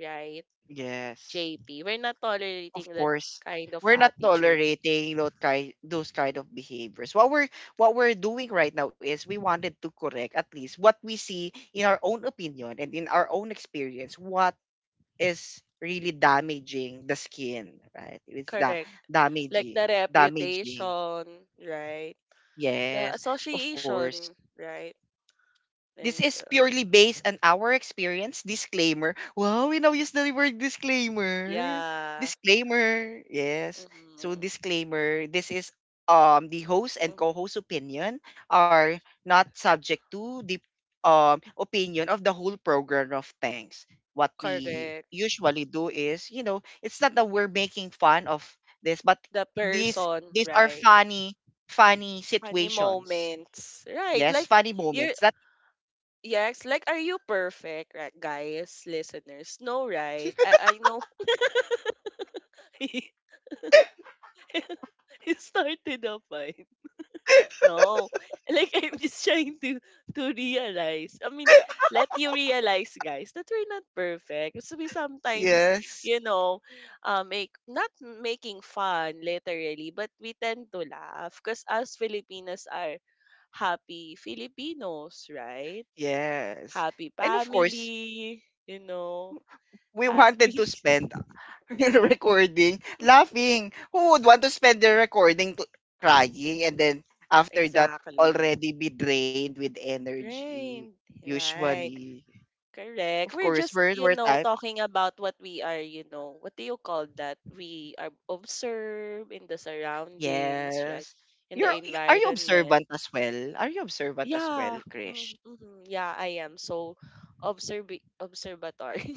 Speaker 2: right,
Speaker 1: Yes.
Speaker 2: JP. We're not
Speaker 1: Of
Speaker 2: tolerating that
Speaker 1: course,
Speaker 2: kind of
Speaker 1: we're not
Speaker 2: attitude,
Speaker 1: tolerating those kind of behaviors. What we're doing right now is we wanted to correct at least what we see in our own opinion and in our own experience what is really damaging the skin, right? It's the
Speaker 2: correct, like the
Speaker 1: damaging.
Speaker 2: reputation, right, the
Speaker 1: Yes, of course.
Speaker 2: association, right,
Speaker 1: This
Speaker 2: and
Speaker 1: is purely based on our experience. Disclaimer. Wow, we now use the word disclaimer.
Speaker 2: yeah,
Speaker 1: Disclaimer. Yes. So
Speaker 2: mm-hmm,
Speaker 1: disclaimer. This is the host and co-host
Speaker 2: mm-hmm.
Speaker 1: opinion are not subject to the opinion of the whole program of things. What we
Speaker 2: Correct
Speaker 1: usually do is, you know, it's not that we're making fun of this, but
Speaker 2: the
Speaker 1: these
Speaker 2: person,
Speaker 1: these are
Speaker 2: right?
Speaker 1: funny
Speaker 2: Funny
Speaker 1: situations.
Speaker 2: moments. Right.
Speaker 1: Yes,
Speaker 2: Like
Speaker 1: funny
Speaker 2: you're
Speaker 1: moments. That
Speaker 2: yes, like are you perfect, right, guys, listeners? No, right? I know it started a fight. No. Like I'm just trying to — to realize. I mean, let you realize, guys, that we're not perfect. So we sometimes,
Speaker 1: yes.
Speaker 2: you know, make — not making fun literally, but we tend to laugh because us Filipinas are happy Filipinos, right?
Speaker 1: Yes.
Speaker 2: Happy
Speaker 1: And of course,
Speaker 2: family, you know,
Speaker 1: we wanted
Speaker 2: happy.
Speaker 1: to spend the recording laughing. Who would want to spend the recording to, crying and then after that
Speaker 2: Exactly.
Speaker 1: already be drained with energy?
Speaker 2: Right, right.
Speaker 1: Usually.
Speaker 2: Correct.
Speaker 1: Of
Speaker 2: We're
Speaker 1: course,
Speaker 2: just, you
Speaker 1: we're
Speaker 2: know,
Speaker 1: type.
Speaker 2: talking about what we are, you know, what do you call that? We are observe in the surroundings, right?
Speaker 1: Yes.
Speaker 2: In the
Speaker 1: Are you
Speaker 2: environment.
Speaker 1: observant as well? Are you observant as well,
Speaker 2: Yeah. Mm,
Speaker 1: Krish?
Speaker 2: mm-hmm. Yeah, I am so observ observatory.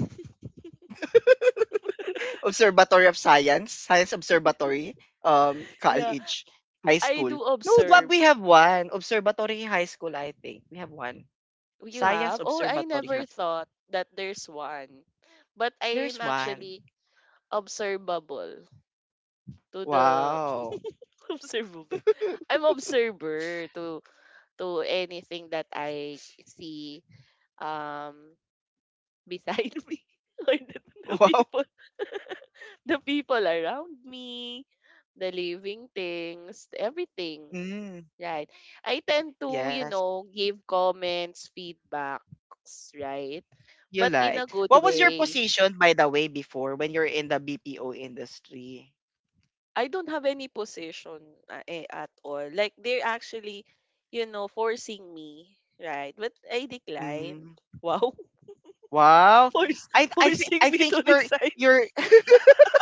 Speaker 1: Observatory of Science, Science Observatory,
Speaker 2: Yeah,
Speaker 1: college, high
Speaker 2: I
Speaker 1: school.
Speaker 2: do
Speaker 1: No, but
Speaker 2: observe —
Speaker 1: we have one. Observatory High School, I think. We have one.
Speaker 2: you
Speaker 1: Science
Speaker 2: have? Oh, I
Speaker 1: Observatory
Speaker 2: never
Speaker 1: Hub.
Speaker 2: thought that there's one. But
Speaker 1: There's
Speaker 2: I'm
Speaker 1: one.
Speaker 2: actually observable to the
Speaker 1: Wow.
Speaker 2: observable. I'm observer to anything that I see um beside me or the
Speaker 1: Wow.
Speaker 2: people the people around me, the living things, everything.
Speaker 1: Mm,
Speaker 2: Right. I tend to, you
Speaker 1: yes.
Speaker 2: know, give comments, feedbacks, right?
Speaker 1: You
Speaker 2: But in a
Speaker 1: like.
Speaker 2: good
Speaker 1: What was your
Speaker 2: way.
Speaker 1: position, by the way, before when you're in the BPO industry?
Speaker 2: I don't have any position at all. Like they're actually, you know, forcing me, right? But I decline.
Speaker 1: Mm.
Speaker 2: Wow,
Speaker 1: Wow.
Speaker 2: force,
Speaker 1: I I think
Speaker 2: forcing
Speaker 1: I
Speaker 2: me
Speaker 1: think
Speaker 2: to
Speaker 1: you're
Speaker 2: resign,
Speaker 1: you're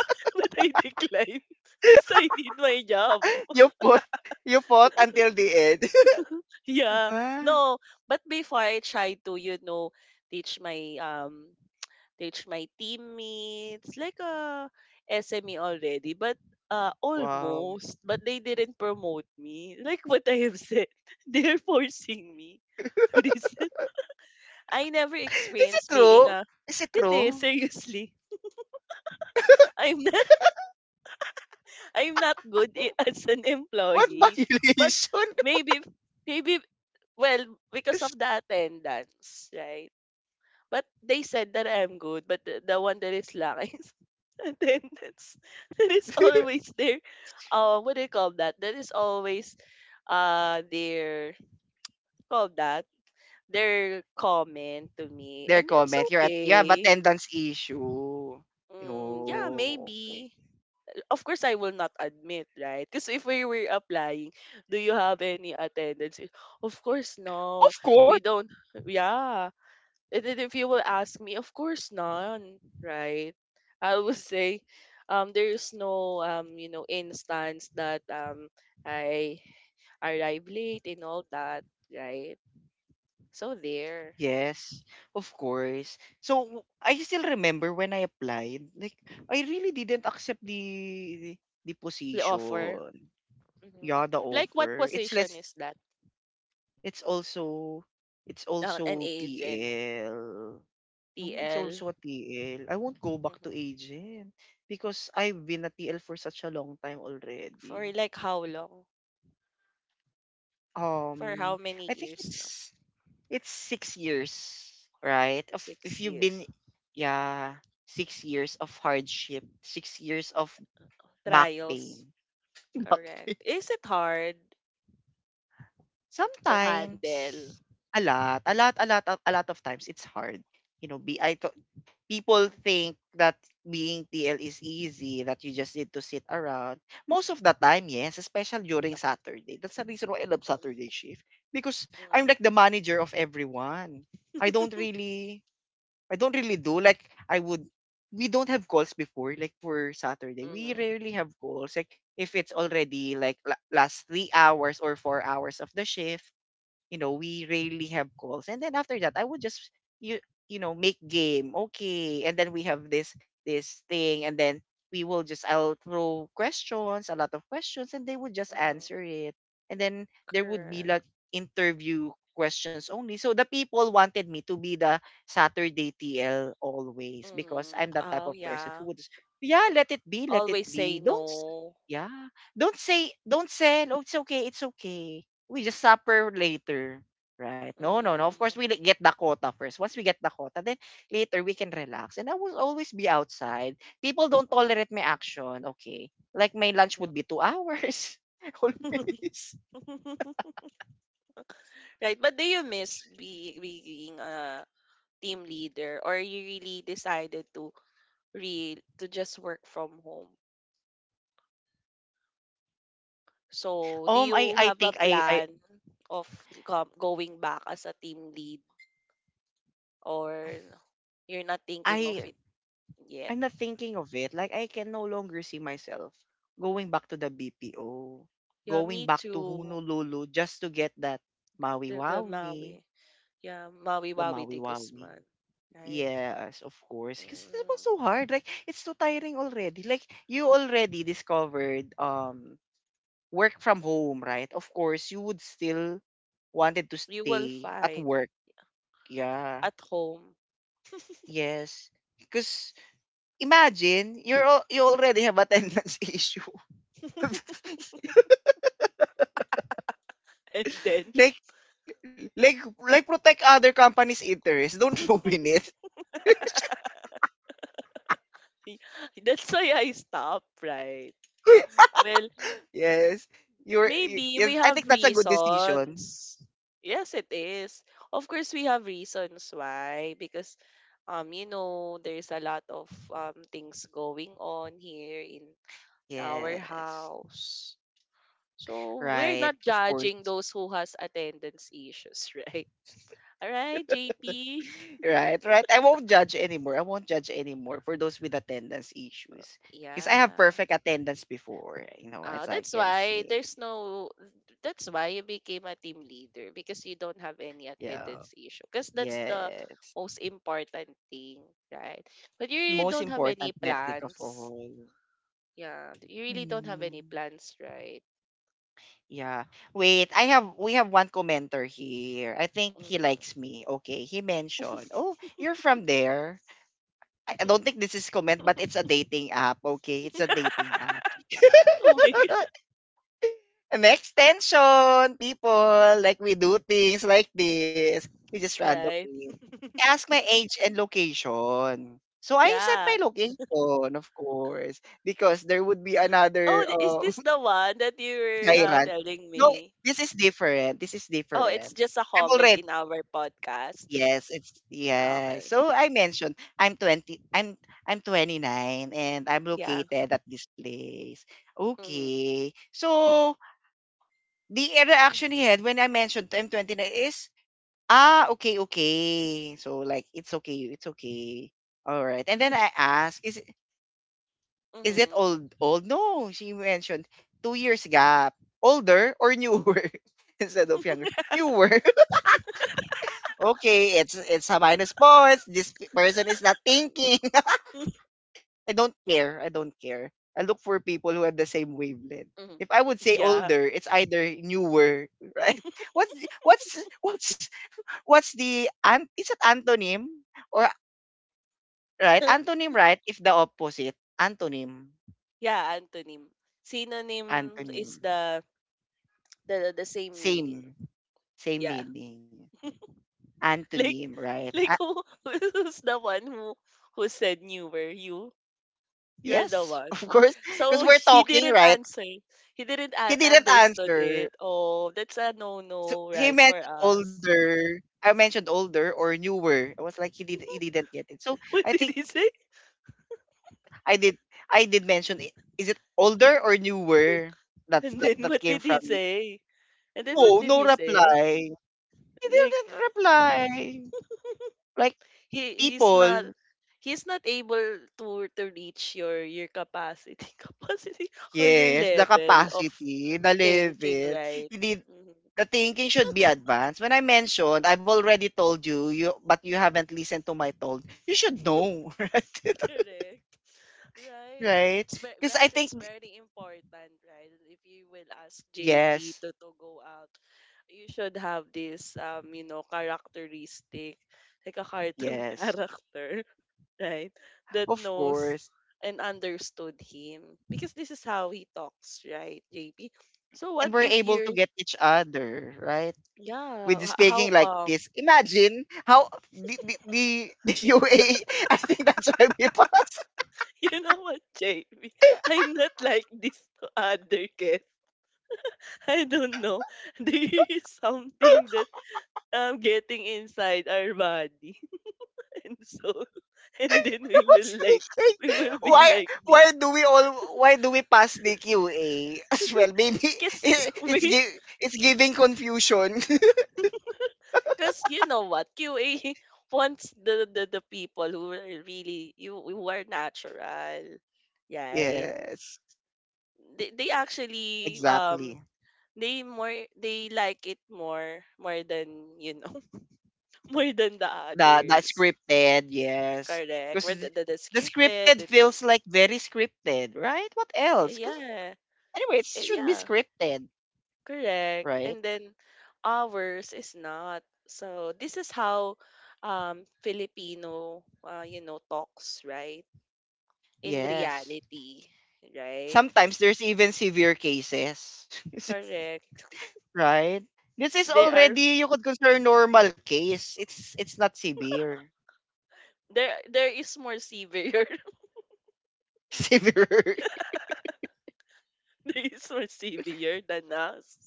Speaker 2: but I decline because I need my job.
Speaker 1: you fought you fought until the end.
Speaker 2: Yeah,
Speaker 1: Ah,
Speaker 2: no. But before I try to, you know, teach my um teach my teammates, like a SME already, but
Speaker 1: wow.
Speaker 2: almost, but they didn't promote me. Like what I have said, they're forcing me to this. I never
Speaker 1: Is it
Speaker 2: experienced being
Speaker 1: true?
Speaker 2: a.
Speaker 1: Is it
Speaker 2: It is,
Speaker 1: true?
Speaker 2: seriously. I'm not. I'm not good as an
Speaker 1: What
Speaker 2: employee, but
Speaker 1: violation?
Speaker 2: maybe, maybe well, because of the attendance, right? But they said that I'm good, but the one that is langis. And then that's that is always there. What do you call that? That is always their call that their comment to me,
Speaker 1: Their
Speaker 2: and it's
Speaker 1: comment. You have
Speaker 2: okay.
Speaker 1: attendance issue.
Speaker 2: Mm, yeah,
Speaker 1: Oh, okay.
Speaker 2: maybe. Of course I will not admit, right? Because if we were applying, do you have any attendance? Of course no.
Speaker 1: Of course.
Speaker 2: We don't, yeah. And then if you will ask me, of course none, right? I will say there is no you know instance that I arrive late and all that, right? So there
Speaker 1: Yes, of course. I still remember when I applied, like I really didn't accept the
Speaker 2: the offer.
Speaker 1: position.
Speaker 2: Hmm.
Speaker 1: Yeah, the
Speaker 2: Like what
Speaker 1: offer. It's
Speaker 2: position
Speaker 1: less.
Speaker 2: is that?
Speaker 1: It's also. It's
Speaker 2: An
Speaker 1: also
Speaker 2: agent,
Speaker 1: TL. No, it's
Speaker 2: TL.
Speaker 1: also a T L. I won't go
Speaker 2: Hmm.
Speaker 1: back to agent because I've been a TL for such a long time
Speaker 2: For
Speaker 1: already.
Speaker 2: like how long? For how
Speaker 1: Um,
Speaker 2: many
Speaker 1: I think
Speaker 2: years now?
Speaker 1: it's 6 years, right? If
Speaker 2: Six
Speaker 1: you've been,
Speaker 2: years.
Speaker 1: yeah, 6 years of hardship, 6 years of back
Speaker 2: Trials.
Speaker 1: pain, back
Speaker 2: Correct.
Speaker 1: pain.
Speaker 2: Is it hard to
Speaker 1: Sometimes,
Speaker 2: handle?
Speaker 1: a lot of times it's hard. You know, be I People think that being TL is easy, that you just need to sit around. Most of the time, yes, especially during Saturday. That's the reason why I love Saturday shift because I'm
Speaker 2: Mm.
Speaker 1: like the manager of everyone. I don't really I don't really do. Like I would we don't have calls before, like for Saturday. We
Speaker 2: Mm,
Speaker 1: rarely have calls. Like if it's already like last 3 hours or 4 hours of the shift, you know, we rarely have calls. And then after that I would just you you know, make game. Okay. And then we have this thing and then we will just I'll throw questions, a lot of questions, and they would just
Speaker 2: mhm.
Speaker 1: answer it. And then there would be
Speaker 2: Correct.
Speaker 1: like interview questions only. So the people wanted me to be the Saturday TL always because
Speaker 2: Mm.
Speaker 1: I'm that type
Speaker 2: Oh,
Speaker 1: of person who
Speaker 2: yeah.
Speaker 1: would just, yeah, let it
Speaker 2: Always
Speaker 1: be.
Speaker 2: say
Speaker 1: Don't s-
Speaker 2: no.
Speaker 1: Yeah. Don't say oh it's okay, it's okay. We just supper later. Right. No, no, no. Of course
Speaker 2: Mm,
Speaker 1: get the quota first. Once we get the quota, then later we can relax. And I will always be outside. People don't tolerate my action. Okay. Like my lunch would be
Speaker 2: mhm,
Speaker 1: 2 hours.
Speaker 2: mhm.
Speaker 1: Always.
Speaker 2: Right, but do you miss being a team leader, or you really decided to re to just work from home? So, do
Speaker 1: Um I
Speaker 2: you
Speaker 1: I
Speaker 2: have a
Speaker 1: think I I
Speaker 2: plan of going back as a team lead, or you're not thinking of
Speaker 1: I
Speaker 2: it yet?
Speaker 1: I'm not thinking of it. Like I can no longer see myself going back to the BPO,
Speaker 2: Yeah,
Speaker 1: going
Speaker 2: me
Speaker 1: back to
Speaker 2: too.
Speaker 1: Honolulu just to get that Maui
Speaker 2: The
Speaker 1: Wawi,
Speaker 2: Maui. Yeah,
Speaker 1: the
Speaker 2: Maui Wawi
Speaker 1: Maui
Speaker 2: de
Speaker 1: Wawi.
Speaker 2: Guzman, right?
Speaker 1: Yes, of course. Because it was
Speaker 2: Mm,
Speaker 1: so hard. Like it's so tiring already. Like you already discovered work from home, right? Of course, you would still wanted to
Speaker 2: you will
Speaker 1: stay at
Speaker 2: find
Speaker 1: work. Yeah.
Speaker 2: at home.
Speaker 1: Yes. Because imagine you already have attendance issue
Speaker 2: And then,
Speaker 1: like like protect other companies' interests. Don't ruin it.
Speaker 2: Y- that's why I stopped, right? Well,
Speaker 1: Yes.
Speaker 2: maybe we
Speaker 1: Yes, I
Speaker 2: have
Speaker 1: think that's a good decision.
Speaker 2: reasons. Yes, it is. Of course, we have reasons why. Because, you know, there's a lot of things going on here in our
Speaker 1: Yes.
Speaker 2: house. So we're
Speaker 1: Right.
Speaker 2: not
Speaker 1: Of course.
Speaker 2: judging those who has attendance issues, right? All right, JP.
Speaker 1: Right. I won't judge anymore for those with attendance issues. Because I have
Speaker 2: Yeah.
Speaker 1: perfect attendance before, you know,
Speaker 2: Ah,
Speaker 1: as I
Speaker 2: that's
Speaker 1: can
Speaker 2: why
Speaker 1: see.
Speaker 2: there's no, that's why you became a team leader, because you don't have any
Speaker 1: Yeah.
Speaker 2: attendance issue, because that's the
Speaker 1: Yes.
Speaker 2: most important thing, right? But you really
Speaker 1: Most
Speaker 2: don't have
Speaker 1: important
Speaker 2: any
Speaker 1: metric of
Speaker 2: plans,
Speaker 1: all.
Speaker 2: yeah, you really don't have any
Speaker 1: Hmm.
Speaker 2: plans, right?
Speaker 1: Yeah. Wait, I have we have one commenter here. I think he likes
Speaker 2: Mm-hmm.
Speaker 1: me. Okay, he mentioned, "Oh, you're from there." I don't think this is comment, but it's a dating app. Okay, it's a dating app.
Speaker 2: Oh my god,
Speaker 1: An extension, people. Like we do things like this. We just
Speaker 2: right?
Speaker 1: randomly. He asked my age and location. So I sent
Speaker 2: Yeah.
Speaker 1: my location, of course, because there would be another
Speaker 2: Oh, is this the one that you were,
Speaker 1: tyrant.
Speaker 2: telling
Speaker 1: No,
Speaker 2: me?
Speaker 1: this is different. This is
Speaker 2: Oh, it's
Speaker 1: different.
Speaker 2: just a
Speaker 1: I'm
Speaker 2: comment
Speaker 1: already
Speaker 2: in our podcast.
Speaker 1: Yes, it's
Speaker 2: Ah,
Speaker 1: yes.
Speaker 2: okay.
Speaker 1: So I mentioned I'm 29 and I'm
Speaker 2: Yeah.
Speaker 1: located at this place.
Speaker 2: Mm-hmm.
Speaker 1: Okay. So the reaction he had when I mentioned I'm 29 is ah okay okay. So like it's okay, it's okay. All right. And then I ask is it
Speaker 2: Mm-hmm.
Speaker 1: old? Old? No, she mentioned 2 years gap. Older or newer instead of younger? Newer. Okay, it's a minus points. This person is not thinking. I don't care. I don't care. I look for people who have the same wavelength.
Speaker 2: Hmm.
Speaker 1: If I would say
Speaker 2: Yeah.
Speaker 1: older, it's either newer, right? What's the- what's what's what's the an is it antonym or right antonym right? If the opposite antonym
Speaker 2: Yeah, antonym. Synonym
Speaker 1: antonym.
Speaker 2: is the same meaning.
Speaker 1: Same. Same
Speaker 2: Yeah.
Speaker 1: meaning.
Speaker 2: Like,
Speaker 1: Antonym, right? Ah,
Speaker 2: who who's the one who said you were you? You're the
Speaker 1: yes,
Speaker 2: one.
Speaker 1: of course. Because
Speaker 2: So
Speaker 1: we're
Speaker 2: she
Speaker 1: talking,
Speaker 2: didn't
Speaker 1: right?
Speaker 2: answer. He didn't
Speaker 1: He didn't
Speaker 2: understood
Speaker 1: answer.
Speaker 2: it. Oh, that's a no
Speaker 1: So
Speaker 2: no,
Speaker 1: he
Speaker 2: right, for
Speaker 1: mentioned
Speaker 2: us.
Speaker 1: older. I mentioned older or newer. I was like, he didn't get it. So
Speaker 2: What
Speaker 1: I
Speaker 2: did
Speaker 1: think
Speaker 2: he say?
Speaker 1: I did I did mention it. Is it older or newer?
Speaker 2: And then
Speaker 1: That
Speaker 2: what
Speaker 1: came
Speaker 2: did
Speaker 1: from
Speaker 2: he
Speaker 1: me.
Speaker 2: say? And then what
Speaker 1: Whoa,
Speaker 2: did
Speaker 1: no
Speaker 2: he say?
Speaker 1: reply. He
Speaker 2: Like,
Speaker 1: didn't reply. Like
Speaker 2: he he's not
Speaker 1: people.
Speaker 2: he's not able to reach your capacity capacity, or your
Speaker 1: Yes, the
Speaker 2: level of,
Speaker 1: capacity, the
Speaker 2: thinking,
Speaker 1: level.
Speaker 2: right?
Speaker 1: He did.
Speaker 2: Mhm.
Speaker 1: The thinking should be advanced. When I mentioned, I've already told you, you but you haven't listened to my told. You should know, right?
Speaker 2: Correct, right? It,
Speaker 1: Right?
Speaker 2: it's ve-
Speaker 1: Because I
Speaker 2: guys,
Speaker 1: think
Speaker 2: it's very important, right? If you will ask JP
Speaker 1: yes,
Speaker 2: to go out, you should have this, you know, characteristic, like a cartoon
Speaker 1: yes,
Speaker 2: character, right? That
Speaker 1: of
Speaker 2: knows
Speaker 1: course.
Speaker 2: and understood him, because this is how he talks, right, JP? So what
Speaker 1: And we're
Speaker 2: if
Speaker 1: able to
Speaker 2: you're,
Speaker 1: get each other, right?
Speaker 2: yeah,
Speaker 1: With
Speaker 2: how
Speaker 1: speaking like
Speaker 2: come?
Speaker 1: this, imagine how the UA. I think that's why we pass.
Speaker 2: You know what, JP? I'm not like this to other kids. I don't know. There is something that I'm getting inside our body. And so, and then
Speaker 1: I
Speaker 2: we will
Speaker 1: was
Speaker 2: like we
Speaker 1: thinking,
Speaker 2: will be like
Speaker 1: why
Speaker 2: this.
Speaker 1: do we all why do we pass the QA as well? Maybe
Speaker 2: Cause we,
Speaker 1: it's giving confusion.
Speaker 2: because you know what, QA wants the people who are really you, who are natural, right?
Speaker 1: Yes,
Speaker 2: They actually,
Speaker 1: exactly.
Speaker 2: they more they like it more than, you know, more than the
Speaker 1: The
Speaker 2: others.
Speaker 1: scripted, yes,
Speaker 2: Correct.
Speaker 1: because
Speaker 2: Where the
Speaker 1: the
Speaker 2: scripted
Speaker 1: scripted
Speaker 2: and,
Speaker 1: feels like very scripted, right? What else? Because
Speaker 2: yeah.
Speaker 1: anyway, it
Speaker 2: Eh,
Speaker 1: should be
Speaker 2: yeah,
Speaker 1: scripted,
Speaker 2: correct.
Speaker 1: right?
Speaker 2: And then ours is not. So this is how, Filipino, you know, talks, right, in
Speaker 1: Yes.
Speaker 2: reality, right?
Speaker 1: Sometimes there's even severe cases.
Speaker 2: Correct.
Speaker 1: Right? This is
Speaker 2: They are,
Speaker 1: already you could consider normal case. It's not severe.
Speaker 2: there is more severe.
Speaker 1: Severe.
Speaker 2: There is more severe than us,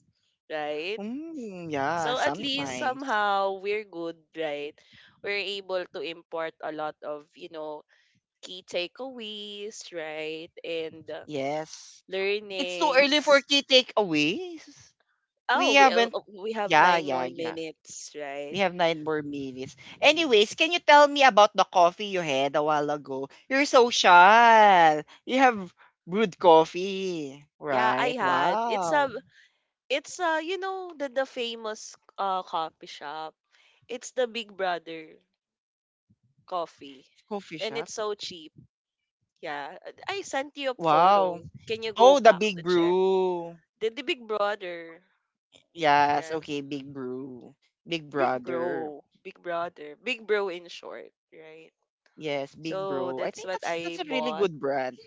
Speaker 2: right?
Speaker 1: Mm, yeah,
Speaker 2: So at least
Speaker 1: sometimes.
Speaker 2: somehow we're good, right? We're able to import a lot of, you know, key takeaways, right? And,
Speaker 1: Yes. It's too early for
Speaker 2: learnings.
Speaker 1: key takeaways.
Speaker 2: Oh,
Speaker 1: We
Speaker 2: we,
Speaker 1: haven't
Speaker 2: we have
Speaker 1: Yeah,
Speaker 2: nine
Speaker 1: yeah,
Speaker 2: more
Speaker 1: yeah.
Speaker 2: minutes,
Speaker 1: We
Speaker 2: right?
Speaker 1: have nine more minutes. Anyways, can you tell me about the coffee you had a while ago? You're social. You have brewed coffee.
Speaker 2: Yeah, I
Speaker 1: Right?
Speaker 2: had.
Speaker 1: Wow.
Speaker 2: It's, you know, the famous, coffee shop. It's the Big Brother coffee.
Speaker 1: Coffee
Speaker 2: And
Speaker 1: shop.
Speaker 2: it's so cheap. Yeah. I sent you a
Speaker 1: Wow.
Speaker 2: photo. Can you go
Speaker 1: Oh, the
Speaker 2: back
Speaker 1: big
Speaker 2: to check?
Speaker 1: brew.
Speaker 2: The Big Brother.
Speaker 1: Yes,
Speaker 2: Yeah.
Speaker 1: okay, Big Brew. Big
Speaker 2: Big
Speaker 1: Brother.
Speaker 2: Bro. Big Brother. Big Bro in short, right?
Speaker 1: Yes, Big
Speaker 2: So
Speaker 1: Bro. I
Speaker 2: that's
Speaker 1: think
Speaker 2: what
Speaker 1: that's
Speaker 2: I
Speaker 1: a really
Speaker 2: bought.
Speaker 1: good brand.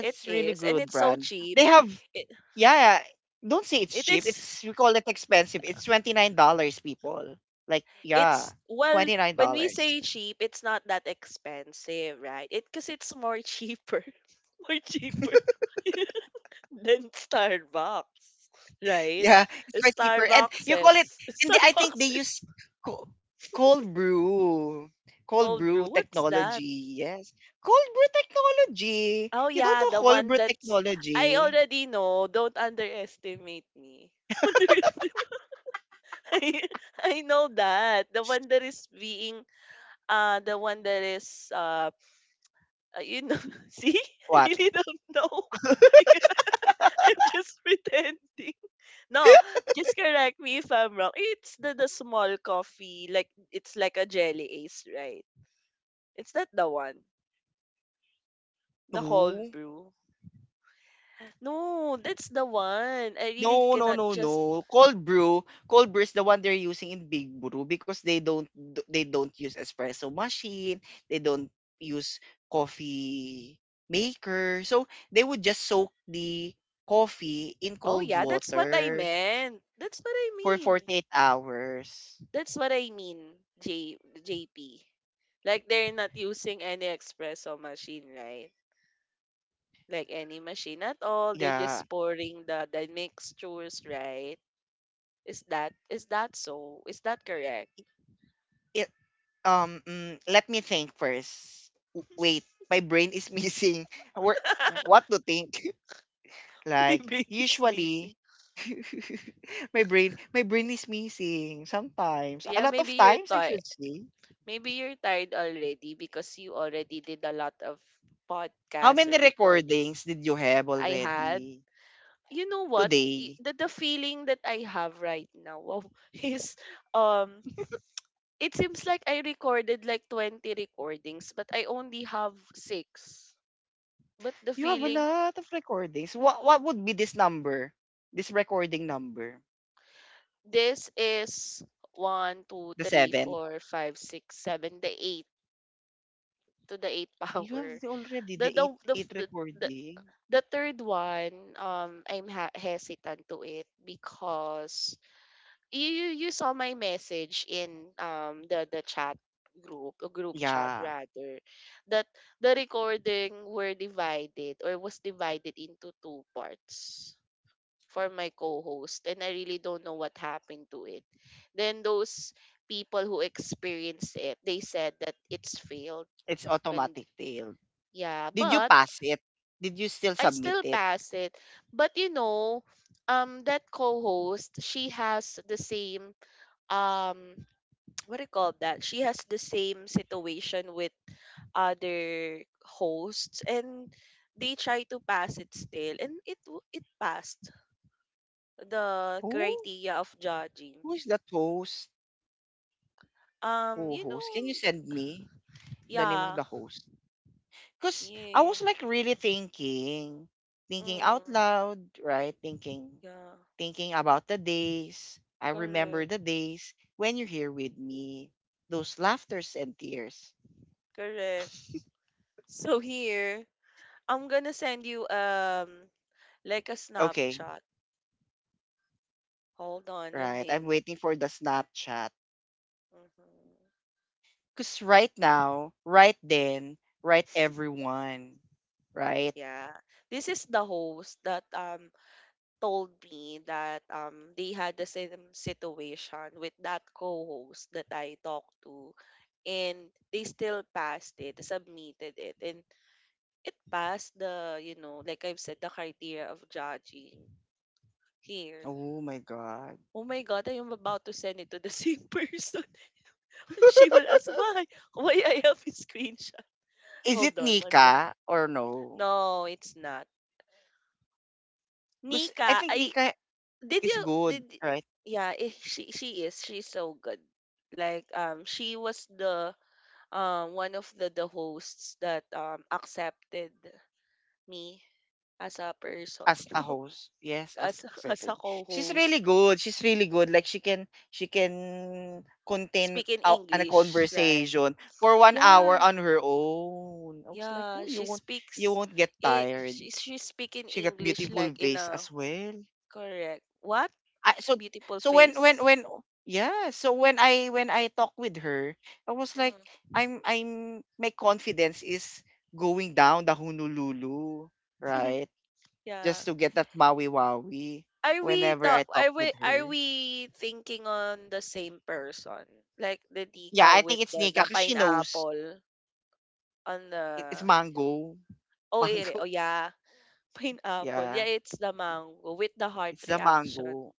Speaker 2: It
Speaker 1: really
Speaker 2: is, and
Speaker 1: good
Speaker 2: it's so
Speaker 1: brand.
Speaker 2: cheap.
Speaker 1: They have
Speaker 2: It
Speaker 1: yeah, don't say it's
Speaker 2: it
Speaker 1: cheap.
Speaker 2: is
Speaker 1: It's we call it expensive. It's $29 people. Like yeah,
Speaker 2: It's, well, when we
Speaker 1: $29.
Speaker 2: say cheap, it's not that expensive, right? It, because it's more cheaper, more cheaper than Starbucks, right?
Speaker 1: Yeah, it's quite cheaper. And
Speaker 2: Starbucks
Speaker 1: you call it
Speaker 2: is
Speaker 1: and they, I think they
Speaker 2: Starbucks is
Speaker 1: use co- cold brew. Cold
Speaker 2: cold
Speaker 1: brew
Speaker 2: brew. What's that?
Speaker 1: technology. Yes. Cold brew technology.
Speaker 2: Oh
Speaker 1: You don't
Speaker 2: yeah,
Speaker 1: know
Speaker 2: the
Speaker 1: cold
Speaker 2: one
Speaker 1: brew
Speaker 2: that's, I
Speaker 1: technology.
Speaker 2: already know. Don't underestimate me. Underestimate? I I know that the one that is being, the one that is, you know, see, I
Speaker 1: What?
Speaker 2: really don't know. I cannot- I'm just pretending. No, just correct me if I'm wrong. It's the small coffee, like it's like a jelly ace, right? It's not the one, the cold
Speaker 1: 2?
Speaker 2: brew. No, that's the one. I really
Speaker 1: No, no,
Speaker 2: cannot
Speaker 1: no,
Speaker 2: just.
Speaker 1: no. Cold brew is the one they're using in Big Brew because they don't use espresso machine, they don't use coffee maker. So they would just soak the coffee in
Speaker 2: Oh
Speaker 1: cold
Speaker 2: yeah, that's what I
Speaker 1: water
Speaker 2: meant. That's what I
Speaker 1: for
Speaker 2: mean.
Speaker 1: 48 hours.
Speaker 2: That's what I mean, J JP. Like, they're not using any espresso machine, right? Like, any machine at all, they're
Speaker 1: Yeah.
Speaker 2: just pouring the mixtures, right? Is that so? Is that correct?
Speaker 1: It Let me think first. Wait, my brain is missing. Where, what to think? Like
Speaker 2: Maybe it's
Speaker 1: usually
Speaker 2: missing.
Speaker 1: my brain is missing sometimes. A
Speaker 2: Yeah,
Speaker 1: lot
Speaker 2: maybe
Speaker 1: of
Speaker 2: you're
Speaker 1: times I
Speaker 2: tired.
Speaker 1: should say.
Speaker 2: Maybe you're tired already, because you already did a lot of
Speaker 1: How
Speaker 2: podcasts
Speaker 1: many
Speaker 2: or recordings.
Speaker 1: recordings did you have
Speaker 2: I had.
Speaker 1: already
Speaker 2: You know what?
Speaker 1: today?
Speaker 2: The feeling that I have right now, wow, is, um it seems like I recorded like 20 recordings, but I only have 6. But the
Speaker 1: You have a
Speaker 2: feeling,
Speaker 1: lot of recordings. What would be this number? This recording number?
Speaker 2: this is one, two,
Speaker 1: The
Speaker 2: three,
Speaker 1: seventh?
Speaker 2: four, five, six, seven, the 8 to the 8
Speaker 1: You have
Speaker 2: power.
Speaker 1: already the
Speaker 2: The the
Speaker 1: eight
Speaker 2: the
Speaker 1: eight
Speaker 2: the, the
Speaker 1: recording.
Speaker 2: the third one, I'm hesitant to it, because you saw my message in, the chat group, a group chat
Speaker 1: Yeah.
Speaker 2: rather, that the recording were divided, or was divided into two parts for my co-host, and I really don't know what happened to it. Then those people who experienced it, they said that it's failed
Speaker 1: It's
Speaker 2: when,
Speaker 1: automatic tail.
Speaker 2: yeah,
Speaker 1: Did you
Speaker 2: but
Speaker 1: pass it? Did you still
Speaker 2: I
Speaker 1: submit
Speaker 2: still
Speaker 1: it?
Speaker 2: passed it. But you know, that co-host, she has the same, um what do you call that? She has the same situation with other hosts, and they try to pass it still, and it passed the
Speaker 1: Who?
Speaker 2: criteria of judging.
Speaker 1: Who is that host?
Speaker 2: You
Speaker 1: Co-host? Can
Speaker 2: know,
Speaker 1: you send
Speaker 2: th-
Speaker 1: me the name of
Speaker 2: yeah,
Speaker 1: the host? Because I
Speaker 2: yeah,
Speaker 1: was like really thinking, thinking out
Speaker 2: mm,
Speaker 1: loud, right? Thinking,
Speaker 2: yeah,
Speaker 1: thinking about the days. I remember
Speaker 2: correct,
Speaker 1: the days when you're here with me, those laughters and tears.
Speaker 2: correct. So here, I'm gonna send you, like a
Speaker 1: Okay,
Speaker 2: Snapchat. Hold on a
Speaker 1: right. I'm
Speaker 2: minute.
Speaker 1: waiting for the Snapchat.
Speaker 2: Mm-hmm.
Speaker 1: Because right
Speaker 2: Yeah,
Speaker 1: now, right then, right everyone, right?
Speaker 2: yeah. This is the host that, told me that, they had the same situation with that co-host that I talked to, and they still passed it, submitted it, and it passed the, you know, like I've said, the criteria of judging here.
Speaker 1: Oh my God.
Speaker 2: Oh my God, I am about to send it to the same person. She will ask why. Why I have a screenshot.
Speaker 1: Is
Speaker 2: Hold
Speaker 1: it
Speaker 2: on, one more.
Speaker 1: Nika or no?
Speaker 2: No, it's not.
Speaker 1: Because I
Speaker 2: Nika,
Speaker 1: think
Speaker 2: I
Speaker 1: Nika
Speaker 2: did
Speaker 1: is
Speaker 2: you
Speaker 1: good, right?
Speaker 2: yeah, eh, she is. She's so good. Like, she was the, one of the hosts that, accepted me as a person,
Speaker 1: As
Speaker 2: you
Speaker 1: a
Speaker 2: know,
Speaker 1: host, yes, as
Speaker 2: as a
Speaker 1: accepted. She's
Speaker 2: co-host.
Speaker 1: really good. She's really good. Like she can contain
Speaker 2: Speak in
Speaker 1: a
Speaker 2: English, right?
Speaker 1: conversation for one
Speaker 2: Yeah,
Speaker 1: hour on her own. I was like,
Speaker 2: yeah.
Speaker 1: oh, you
Speaker 2: She
Speaker 1: won't you
Speaker 2: speaks,
Speaker 1: won't get
Speaker 2: it
Speaker 1: tired.
Speaker 2: she speak in
Speaker 1: She got
Speaker 2: English
Speaker 1: beautiful
Speaker 2: like in
Speaker 1: vase
Speaker 2: a,
Speaker 1: as well.
Speaker 2: correct. What?
Speaker 1: I, so
Speaker 2: Beautiful
Speaker 1: so when when
Speaker 2: face?
Speaker 1: when yeah, so when I talk with her, I was like,
Speaker 2: Mm.
Speaker 1: I'm my confidence is going down the Honolulu, right?
Speaker 2: Yeah.
Speaker 1: Just to get that Maui Wowie
Speaker 2: Are we
Speaker 1: whenever I talk
Speaker 2: are we
Speaker 1: with
Speaker 2: are
Speaker 1: her.
Speaker 2: we thinking on the same person? Like, the
Speaker 1: Yeah,
Speaker 2: Tika
Speaker 1: I
Speaker 2: with
Speaker 1: think it's Nika
Speaker 2: the
Speaker 1: because she knows
Speaker 2: pineapple on
Speaker 1: it's
Speaker 2: the,
Speaker 1: mango.
Speaker 2: oh, ere.
Speaker 1: Mango.
Speaker 2: Oh yeah. Pineapple. Yeah,
Speaker 1: Yeah,
Speaker 2: it's the mango with the heart
Speaker 1: it's the
Speaker 2: reaction.
Speaker 1: mango.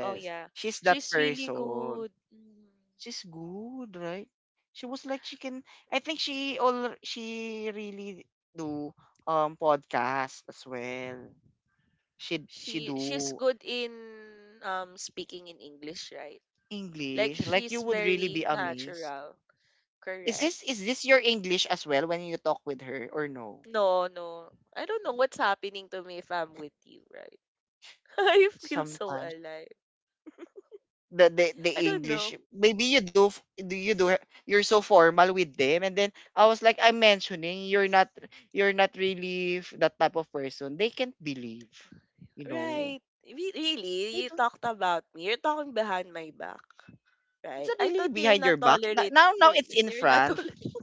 Speaker 2: Oh yeah.
Speaker 1: she's that
Speaker 2: She's really
Speaker 1: person.
Speaker 2: good. Mm.
Speaker 1: She's good, right? She was like she can. I think she all she really do podcast as well. She
Speaker 2: She's
Speaker 1: do
Speaker 2: good in, speaking in English, right? Like
Speaker 1: English. Like you
Speaker 2: she's
Speaker 1: would really be
Speaker 2: very
Speaker 1: amazed.
Speaker 2: natural.
Speaker 1: Is
Speaker 2: Correct.
Speaker 1: this is this your English as well when you talk with her or no?
Speaker 2: No, no. I don't know what's happening to me if I'm with you, right? I feel so
Speaker 1: Sometimes
Speaker 2: alive.
Speaker 1: the
Speaker 2: I don't
Speaker 1: english
Speaker 2: know.
Speaker 1: maybe do you do you're so formal with them, and then I was like I'm mentioning you're not really that type of person they can't believe, you know,
Speaker 2: Right. Re- Really?
Speaker 1: they
Speaker 2: You
Speaker 1: don't.
Speaker 2: talked about me. You're talking behind my back,
Speaker 1: It's
Speaker 2: right?
Speaker 1: not
Speaker 2: I
Speaker 1: really
Speaker 2: thought you're
Speaker 1: behind
Speaker 2: not
Speaker 1: your back.
Speaker 2: tolerate,
Speaker 1: Now now it's in
Speaker 2: you're not
Speaker 1: front.
Speaker 2: tolerating.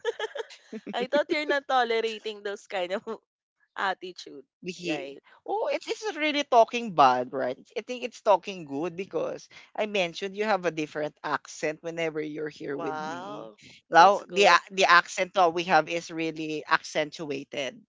Speaker 2: I thought you're not tolerating those kind of attitude,
Speaker 1: He
Speaker 2: right?
Speaker 1: oh, it is really talking bad, right? I think it's talking good because I mentioned you have a different accent whenever you're here with me.
Speaker 2: Wow. That's
Speaker 1: Now
Speaker 2: good.
Speaker 1: the accent that we have is really accentuated,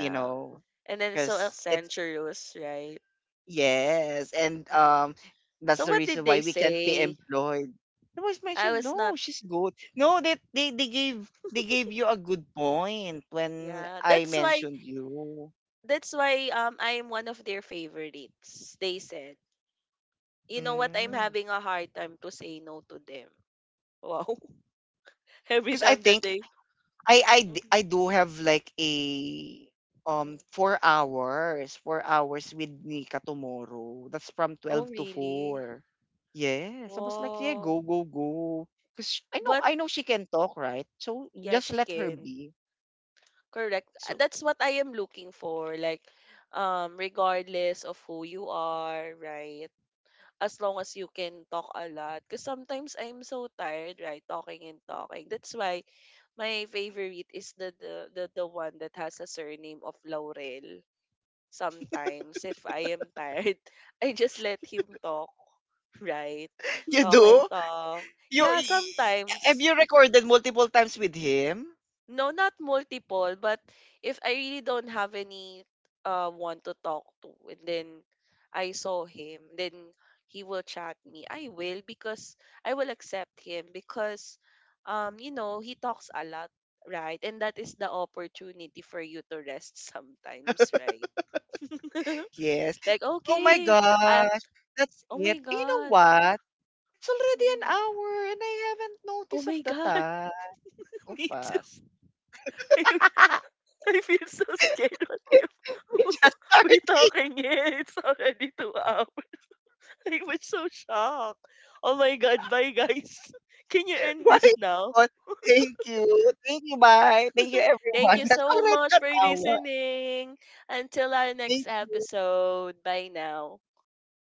Speaker 1: you know,
Speaker 2: And then so
Speaker 1: because it's
Speaker 2: adventurous, right?
Speaker 1: yes, and
Speaker 2: Hmm.
Speaker 1: that's
Speaker 2: So
Speaker 1: the
Speaker 2: what
Speaker 1: reason
Speaker 2: did
Speaker 1: why
Speaker 2: they
Speaker 1: we can't be
Speaker 2: say?
Speaker 1: employed. I was
Speaker 2: I
Speaker 1: mentioned,
Speaker 2: was
Speaker 1: no,
Speaker 2: not.
Speaker 1: she's good. No, that they, they gave you a good point when
Speaker 2: Yeah,
Speaker 1: I
Speaker 2: that's why.
Speaker 1: mentioned you.
Speaker 2: That's why, I am one of their favorites. They said, you know what? I'm
Speaker 1: Mm.
Speaker 2: having a hard time to say no to them. Wow. Every
Speaker 1: Because I
Speaker 2: time that
Speaker 1: think
Speaker 2: they. Mhm,
Speaker 1: I do have like a
Speaker 2: mhm.
Speaker 1: 4 hours, 4 hours with Nika tomorrow. That's from
Speaker 2: Oh
Speaker 1: 12 to
Speaker 2: really?
Speaker 1: 4. Yes. I was like, yeah, go,
Speaker 2: Wow.
Speaker 1: go, go. Because
Speaker 2: But
Speaker 1: I know she can talk, right? So
Speaker 2: yeah,
Speaker 1: just
Speaker 2: she
Speaker 1: let her
Speaker 2: can.
Speaker 1: be.
Speaker 2: Correct.
Speaker 1: So
Speaker 2: That's what I am looking for. Like, regardless of who you are, right? As long as you can talk a lot. Because sometimes I'm so tired, right? Talking and talking. That's why my favorite is the one that has a surname of Laurel. Sometimes if I am tired, I just let him talk, right?
Speaker 1: you
Speaker 2: Talk and
Speaker 1: do?
Speaker 2: talk.
Speaker 1: You
Speaker 2: Yeah,
Speaker 1: y- have
Speaker 2: sometimes.
Speaker 1: you recorded multiple times with him?
Speaker 2: No, not multiple, but if I really don't have any, one to talk to, and then I saw him, then he will chat me. I will, because I will accept him, because, you know, he talks a lot, right? And that is the opportunity for you to rest sometimes, right?
Speaker 1: Yes.
Speaker 2: Like,
Speaker 1: Oh my
Speaker 2: okay, I,
Speaker 1: gosh. That's
Speaker 2: oh my
Speaker 1: it. You know
Speaker 2: god.
Speaker 1: what? It's already an
Speaker 2: Mhm.
Speaker 1: hour and I haven't
Speaker 2: Oh
Speaker 1: noticed of
Speaker 2: my
Speaker 1: the
Speaker 2: god,
Speaker 1: time. So
Speaker 2: me too.
Speaker 1: fast.
Speaker 2: I feel so scared. What if
Speaker 1: We just started.
Speaker 2: we're talking here? It's already 2 hours. I was so shocked. Oh my God. Bye, guys. Can you end
Speaker 1: My
Speaker 2: this now?
Speaker 1: God. Thank you. Thank you, bye. Thank you,
Speaker 2: Thank
Speaker 1: everyone.
Speaker 2: you
Speaker 1: That's
Speaker 2: so
Speaker 1: already
Speaker 2: much
Speaker 1: an
Speaker 2: for
Speaker 1: hour.
Speaker 2: listening. Until our next
Speaker 1: Thank you.
Speaker 2: episode. Bye now.